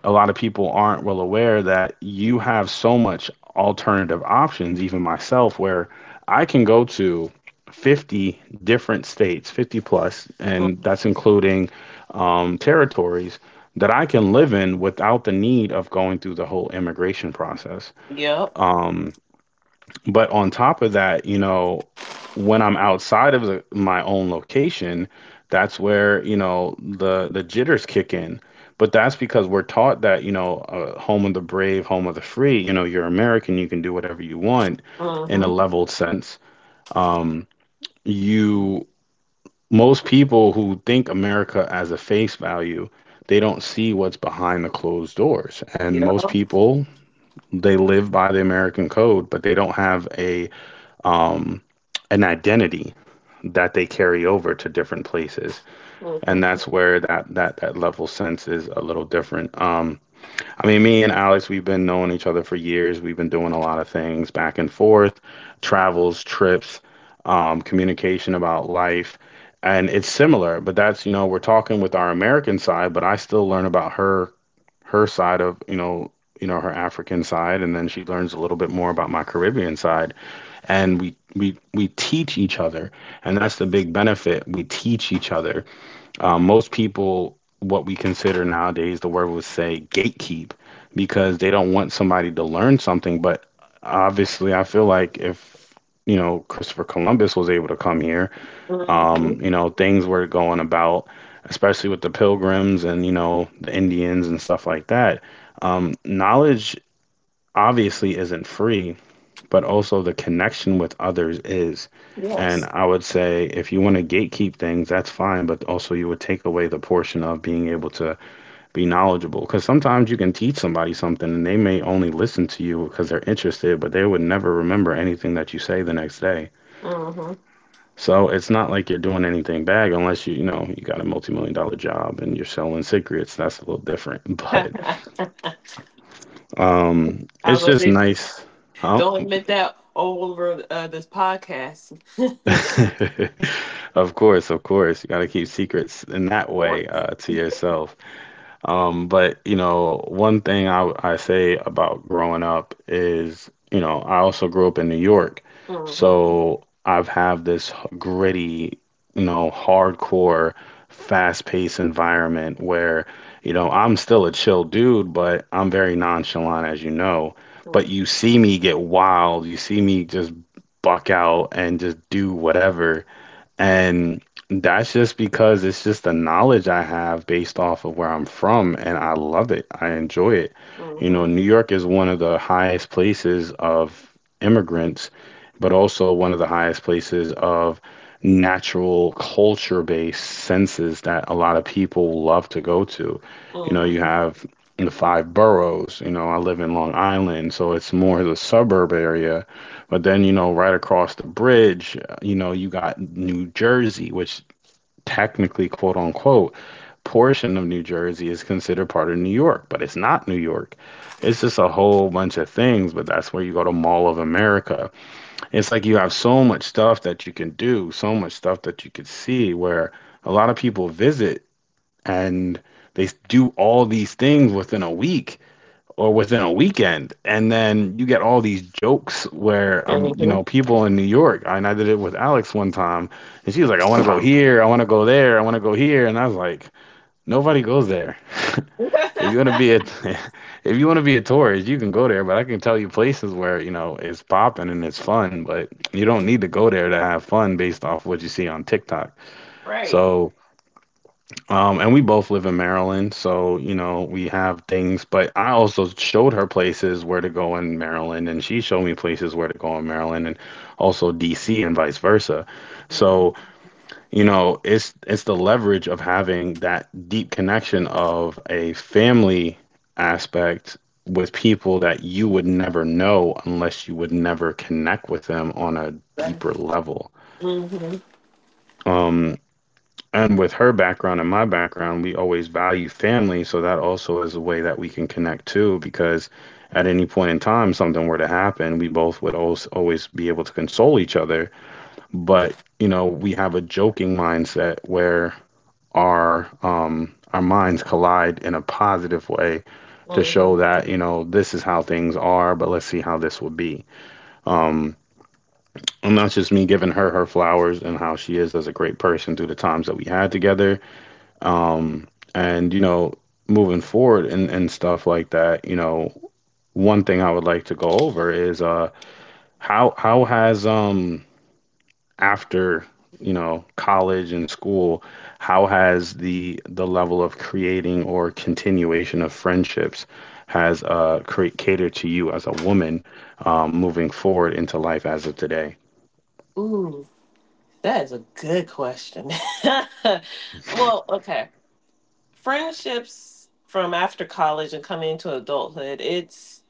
A: a lot of people aren't well aware that you have so much alternative options, even myself, where I can go to fifty different states, fifty plus, and
B: Mm.
A: that's including, um, territories that I can live in without the need of going through the whole immigration process.
B: Yep.
A: Um, but on top of that, you know, when I'm outside of the, my own location, that's where you know the the jitters kick in. But that's because we're taught that you know, uh, home of the brave, home of the free. You know, you're American, you can do whatever you want, in a
B: Mhm.
A: leveled sense. Um, you most people who think America as a face value, they don't see what's behind the closed doors. And
B: Yep.
A: most people, they live by the American code, but they don't have a, um, an identity that they carry over to different places. And that's
B: Mhm.
A: where that that that level sense is a little different. Um, I mean, me and Alex, we've been knowing each other for years. We've been doing a lot of things back and forth, travels, trips, um, communication about life. And it's similar, but that's, you know, we're talking with our American side, but I still learn about her her side of, you know, you know, her African side, and then she learns a little bit more about my Caribbean side. And we we we teach each other, and that's the
B: Yes.
A: big benefit. We teach each other. Um, most people, what we consider nowadays, the word would say gatekeep because they don't want somebody to learn something. But obviously, I feel like if, you know, Christopher Columbus was able to come here, um,
B: Mhm.
A: you know, things were going about, especially with the pilgrims and, you know, the Indians and stuff like that. Um, knowledge obviously isn't free, but also the connection with others is. And
B: Yes.
A: I would say if you want to gatekeep things, that's fine, but also you would take away the portion of being able to be knowledgeable. Because sometimes you can teach somebody something and they may only listen to you because they're interested, but they would never remember anything that you say the next day.
B: Mhm.
A: So it's not like you're doing anything bad unless you, you know, you got a multi-million dollar job and you're selling cigarettes. That's a little different. But um
B: I was
A: it's
B: gonna
A: just
B: say,
A: nice. Huh?
B: don't admit that all over uh, this podcast. Of
A: Of course, of course. You got to keep secrets in that way,
B: course.
A: uh, to yourself. Um, but you know, one thing I I say about growing up is, you know, I also grew up in New York,
B: Mhm.
A: so I've have this gritty, you know, hardcore, fast-paced environment where, you know, I'm still a chill dude, but I'm very nonchalant, as you know. But you
B: Mhm.
A: see me get wild, you see me just buck out and just do whatever
B: Yeah.
A: and that's just because it's just the knowledge I have based off of where I'm from, and I love it. I enjoy it. You know,
B: Mhm.
A: New York is one of the highest places of immigrants, but also one of the highest places of natural culture-based senses that a lot of people love to go to. You know, you have the five boroughs. You know, I live in Long Island, so it's more the suburb area, but then, you know, right across the bridge, uh, you know, you got New Jersey, which technically, quote unquote, portion of New Jersey is considered part of New York, but it's not New York. It's just a whole bunch of things, but that's where you go to Mall of America. It's like you have so much stuff that you can do, so much stuff that you could see where a lot of people visit and they do all these things within a week or within a weekend. And then you get all these jokes where, um, you
B: Mhm.
A: know, people in New York, and I did it with Alex one time, and she was like, I want to go here, I want to go there, I want to go here. And I was like, nobody goes there. If you want to be a, if you want to be a tourist, you can go there, but I can tell you places where, you know, it's popping and it's fun, but you don't need to go there to have fun based off what you see on TikTok.
B: Right.
A: So um, and we both live in Maryland, so you know we have things. But I also showed her places where to go in Maryland, and she showed me places where to go in Maryland, and also D C and vice versa. So
B: Mhm.
A: you know it's it's the leverage of having that deep connection of a family aspect with people that you would never know unless you would never connect with them on a deeper level.
B: Mhm.
A: Um, and with her background and my background, we always value family. So that also is a way that we can connect too, because at any point in time, something were to happen, we both would always, always be able to console each other. But you know, we have a joking mindset where our um our minds collide in a positive way to show
B: Mhm.
A: that, you know this is how things are, but let's see how this would be. Um, and that's just me giving her her flowers and how she is as a great person through the times that we had together. um and you know moving forward and and stuff like that. You know one thing I would like to go over is, uh how how has, um after, you know college and school, how has the the level of creating or continuation of friendships has uh create catered to you as a woman, um moving forward into life as of today?
B: Ooh, that is a good question. Well, okay. Friendships from after college and coming into adulthood, it's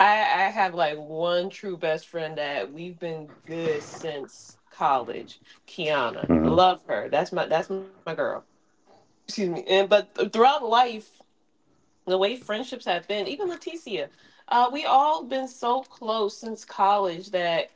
B: I, I have like one true best friend that we've been good since college. Kiana.
A: Mm-hmm.
B: Love her. That's my that's my girl. Excuse me. And But th- throughout life the way friendships have been, even Leticia, uh, we all been so close since college that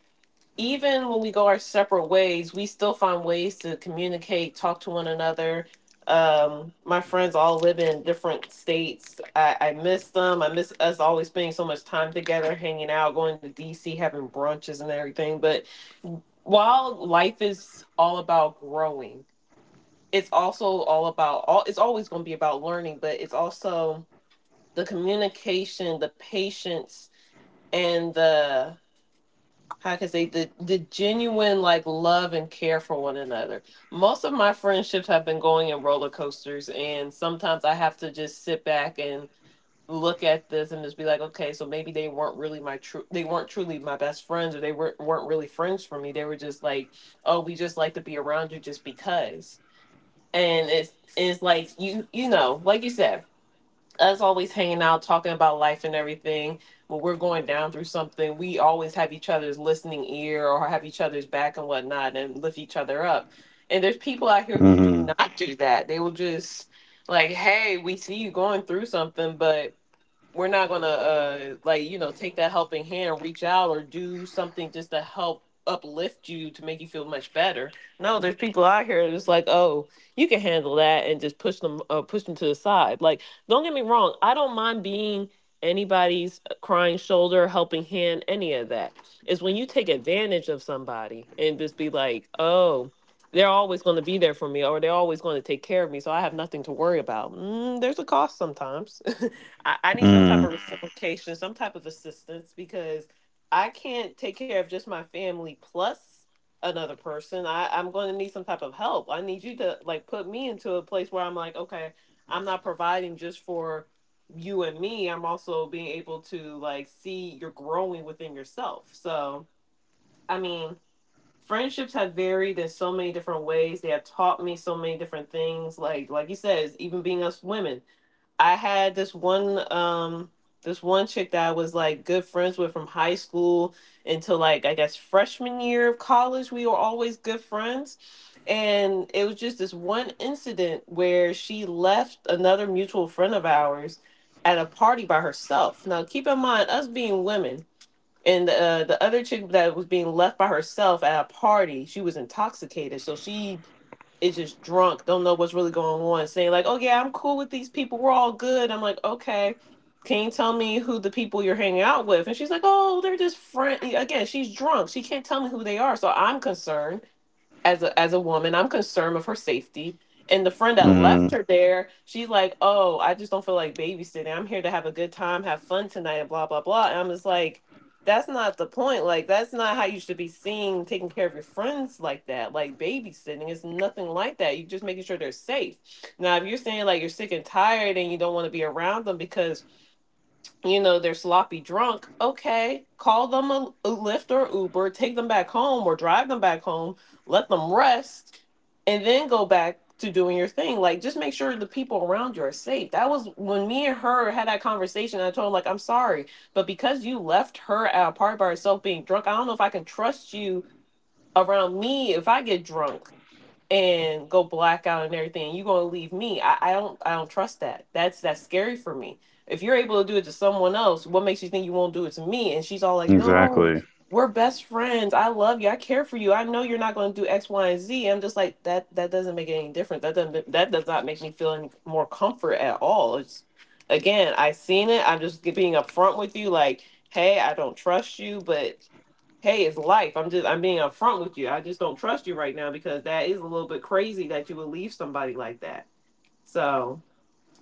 B: even when we go our separate ways, we still find ways to communicate, talk to one another. Um, my friends all live in different states. I, I miss them. I miss us always spending so much time together, hanging out, going to D C, having brunches and everything. But while life is all about growing, it's also all about all. It's always going to be about learning, but it's also the communication, the patience, and the how can I say, the the genuine like love and care for one another. Most of my friendships have been going in roller coasters, and sometimes I have to just sit back and look at this and just be like, okay, so maybe they weren't really my true, they weren't truly my best friends, or they weren't weren't really friends for me. They were just like, oh, we just like to be around you just because. And it's it's like, you you know, like you said, us always hanging out, talking about life and everything. When we're going down through something, we always have each other's listening ear or have each other's back and whatnot and lift each other up. And there's people out here who do
A: Mm-hmm.
B: not do that. They will just like, hey, we see you going through something, but we're not gonna uh like, you know take that helping hand, reach out or do something just to help uplift you to make you feel much better. No, there's people out here that's like, oh, you can handle that and just push them, uh, push them to the side. Like, don't get me wrong, I don't mind being anybody's uh, crying shoulder, helping hand, any of that. Is when you take advantage of somebody and just be like, oh, they're always going to be there for me or they're always going to take care of me so I have nothing to worry about. Mm, there's a cost sometimes. I, I need some type of
A: Mm.
B: reciprocation, some type of assistance because I can't take care of just my family plus another person. I, I'm going to need some type of help. I need you to like put me into a place where I'm like, okay, I'm not providing just for you and me. I'm also being able to like see you're growing within yourself. So, I mean, friendships have varied in so many different ways. They have taught me so many different things. Like like you said, even being us women, I had this one um this one chick that I was like good friends with from high school until, like, I guess freshman year of college. We were always good friends. And it was just this one incident where she left another mutual friend of ours at a party by herself. Now keep in mind, us being women and uh, the other chick that was being left by herself at a party, she was intoxicated. So she is just drunk, don't know what's really going on, saying like, "Oh yeah, I'm cool with these people. We're all good." I'm like, "Okay, can you tell me who the people you're hanging out with?" And she's like, "Oh, they're just friends." Again, she's drunk. She can't tell me who they are, so I'm concerned as a as a woman. I'm concerned with her safety. And the friend that left
A: Mm.
B: her there, she's like, "Oh, I just don't feel like babysitting. I'm here to have a good time, have fun tonight," and blah blah blah. And I'm just like, that's not the point. Like, that's not how you should be seeing taking care of your friends. Like that, like babysitting is nothing like that. You're just making sure they're safe. Now if you're saying like you're sick and tired and you don't want to be around them because you know they're sloppy drunk, okay, call them a, a Lyft or Uber, take them back home or drive them back home. Let them rest and then go back to doing your thing. Like, just make sure the people around you are safe. That was when me and her had that conversation. I told her like, "I'm sorry, but because you left her at a party by herself being drunk, I don't know if I can trust you around me if I get drunk and go blackout and everything. You gonna leave me? I, I don't I don't trust that. That's that's scary for me. If you're able to do it to someone else, what makes you think you won't do it to me?" And she's all like, "No,
A: Exactly.
B: we're best friends. I love you. I care for you. I know you're not gonna do X, Y, and Z." I'm just like, that. That doesn't make any difference. That doesn't that does not make me feel any more comfort at all. It's again, I seen it. I'm just being upfront with you. Like, hey, I don't trust you, but hey, it's life. I'm just I'm being upfront with you. I just don't trust you right now because that is a little bit crazy that you would leave somebody like that. So,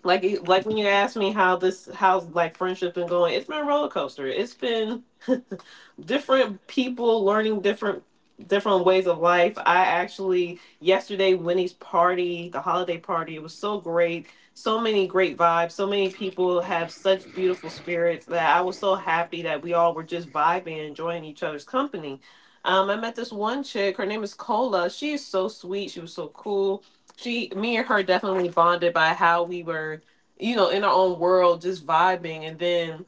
B: like like when you asked me how this, how's like friendship been going, it's been a roller coaster. It's been different people, learning different different ways of life. I actually yesterday, Winnie's party, the holiday party, it was so great. So many great vibes, so many people have such beautiful spirits that I was so happy that we all were just vibing, enjoying each other's company. um, I met this one chick, her name is Cola. She is so sweet, she was so cool. She me and her definitely bonded by how we were, you know, in our own world just vibing. And then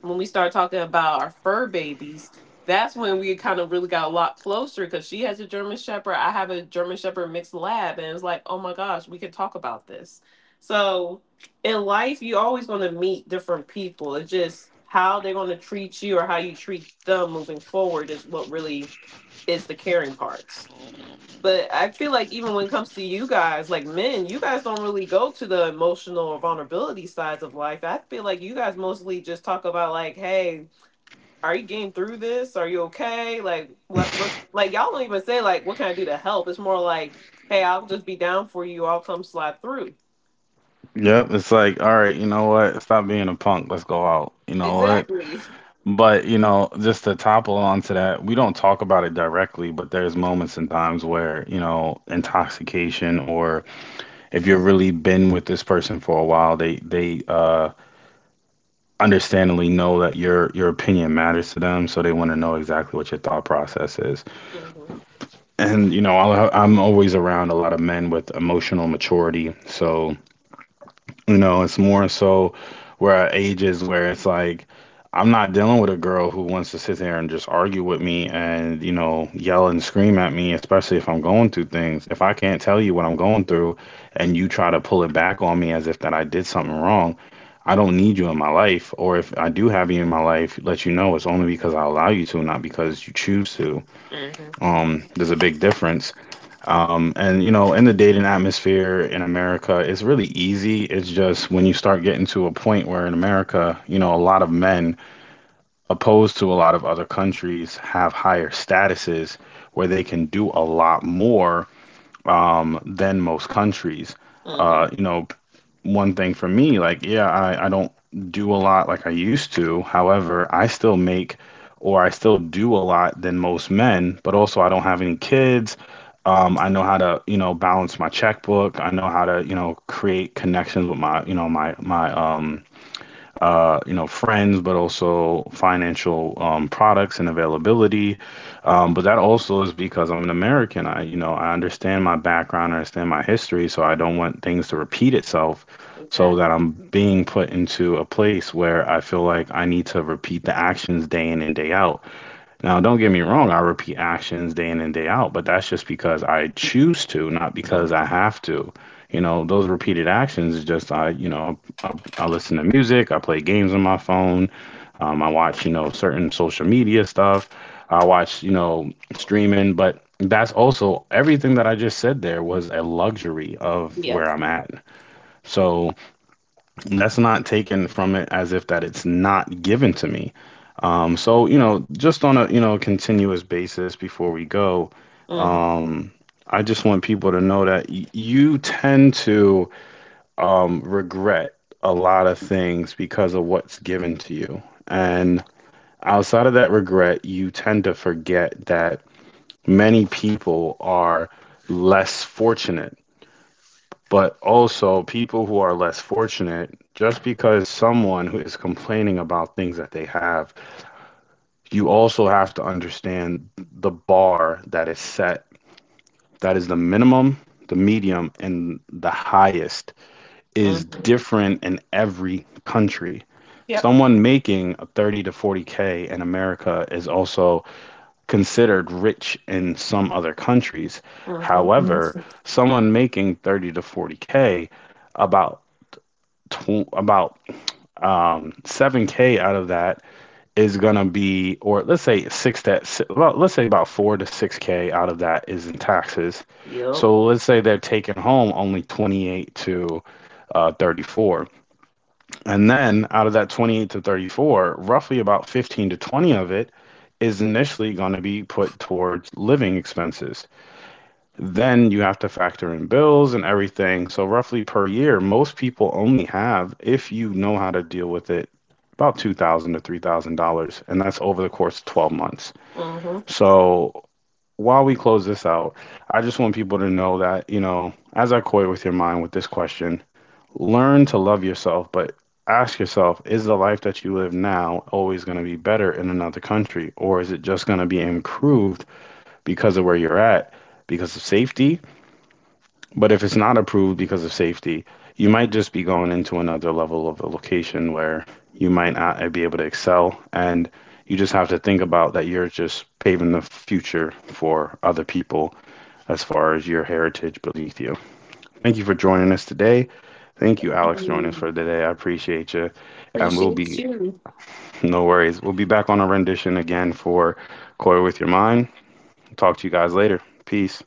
B: when we started talking about our fur babies, that's when we kind of really got a lot closer, because she has a German shepherd, I have a German shepherd mixed lab, and it's like, oh my gosh, we can talk about this. So in life, you're always going to meet different people. It's just how they're going to treat you or how you treat them moving forward is what really is the caring part. But I feel like even when it comes to you guys, like men, you guys don't really go to the emotional or vulnerability sides of life. I feel like you guys mostly just talk about like, hey, are you getting through this? Are you okay? Like, what what like y'all don't even say like, what can I do to help? It's more like, hey, I'll just be down for you, I'll come slide through.
A: Yep, it's like, all right, you know what? Stop being a punk. Let's go out. You know what?
B: Exactly.
A: But, you know, just to topple onto that, we don't talk about it directly, but there's moments and times where, you know, intoxication, or if you've really been with this person for a while, they they uh understandably know that your your opinion matters to them, so they want to know exactly what your thought process is.
B: Mm-hmm.
A: And, you know, I'll, I'm always around a lot of men with emotional maturity. So You know, it's more so where our age is where it's like I'm not dealing with a girl who wants to sit there and just argue with me and, you know, yell and scream at me, especially if I'm going through things. If I can't tell you what I'm going through and you try to pull it back on me as if that I did something wrong, I don't need you in my life. Or if I do have you in my life, let you know it's only because I allow you to, not because you choose to.
B: Mm-hmm.
A: Um, there's a big difference. Um, and, you know, in the dating atmosphere in America, it's really easy. It's just when you start getting to a point where in America, you know, a lot of men, opposed to a lot of other countries, have higher statuses where they can do a lot more, um, than most countries. Uh, you
B: Mm-hmm.
A: know, One thing for me, like, yeah, I, I don't do a lot like I used to. However, I still make, or I still do a lot than most men, but also I don't have any kids. Um, I know how to, you know, balance my checkbook. I know how to, you know, create connections with my, you know, my my um uh, you know, friends, but also financial um, products and availability. Um, but that also is because I'm an American. I, you know, I understand my background, I understand my history, so I don't want things to repeat itself. So
B: Exactly.
A: that I'm being put into a place where I feel like I need to repeat the actions day in and day out. Now, don't get me wrong, I repeat actions day in and day out, but that's just because I choose to, not because I
B: Mm-hmm.
A: have to. You know, those repeated actions is just I, you know, I, I listen to music, I play games on my phone, um, I watch, you know, certain social media stuff, I watch, you know, streaming, but that's also everything that I just said there was a luxury of
B: Yep.
A: where I'm at. So that's not taken from it as if that it's not given to me. Um, so, you know, just on a you know continuous basis before we go,
B: Mm-hmm.
A: um, I just want people to know that y- you tend to, um, regret a lot of things because of what's given to you, and outside of that regret, you tend to forget that many people are less fortunate. But also, people who are less fortunate, just because someone who is complaining about things that they have, you also have to understand the bar that is set, that is the minimum, the medium, and the highest, is
B: Mm-hmm.
A: different in every country.
B: Yep.
A: Someone making a thirty to forty k in America is also considered rich in some other countries.
B: Mm-hmm.
A: However,
B: Mm-hmm.
A: someone making thirty to forty k, about tw- about, um, seven k out of that is going to be, or let's say six, that, si- well, let's say about four to six K out of that is in taxes.
B: Yep.
A: So let's say they're taking home only twenty-eight to, uh, thirty-four. And then out of that twenty-eight to thirty-four, roughly about fifteen to twenty of it is initially going to be put towards living expenses. Then you have to factor in bills and everything. So roughly per year, most people only have, if you know how to deal with it, about two thousand dollars to three thousand dollars, and that's over the course of twelve months. So while we close this out, I just want people to know that, you know, as I toy with your mind with this question, learn to love yourself, but ask yourself: is the life that you live now always going to be better in another country, or is it just going to be improved because of where you're at? Because of safety? But if it's not approved because of safety, you might just be going into another level of the location where you might not be able to excel. And you just have to think about that you're just paving the future for other people, as far as your heritage beneath you. Thank you for joining us today. Thank you, Alex, joining us
B: Mm-hmm.
A: for today. I appreciate you. And we'll
B: Appreciate
A: be,
B: you.
A: no worries, we'll be back on a rendition again for Core with Your Mind. Talk to you guys later. Peace.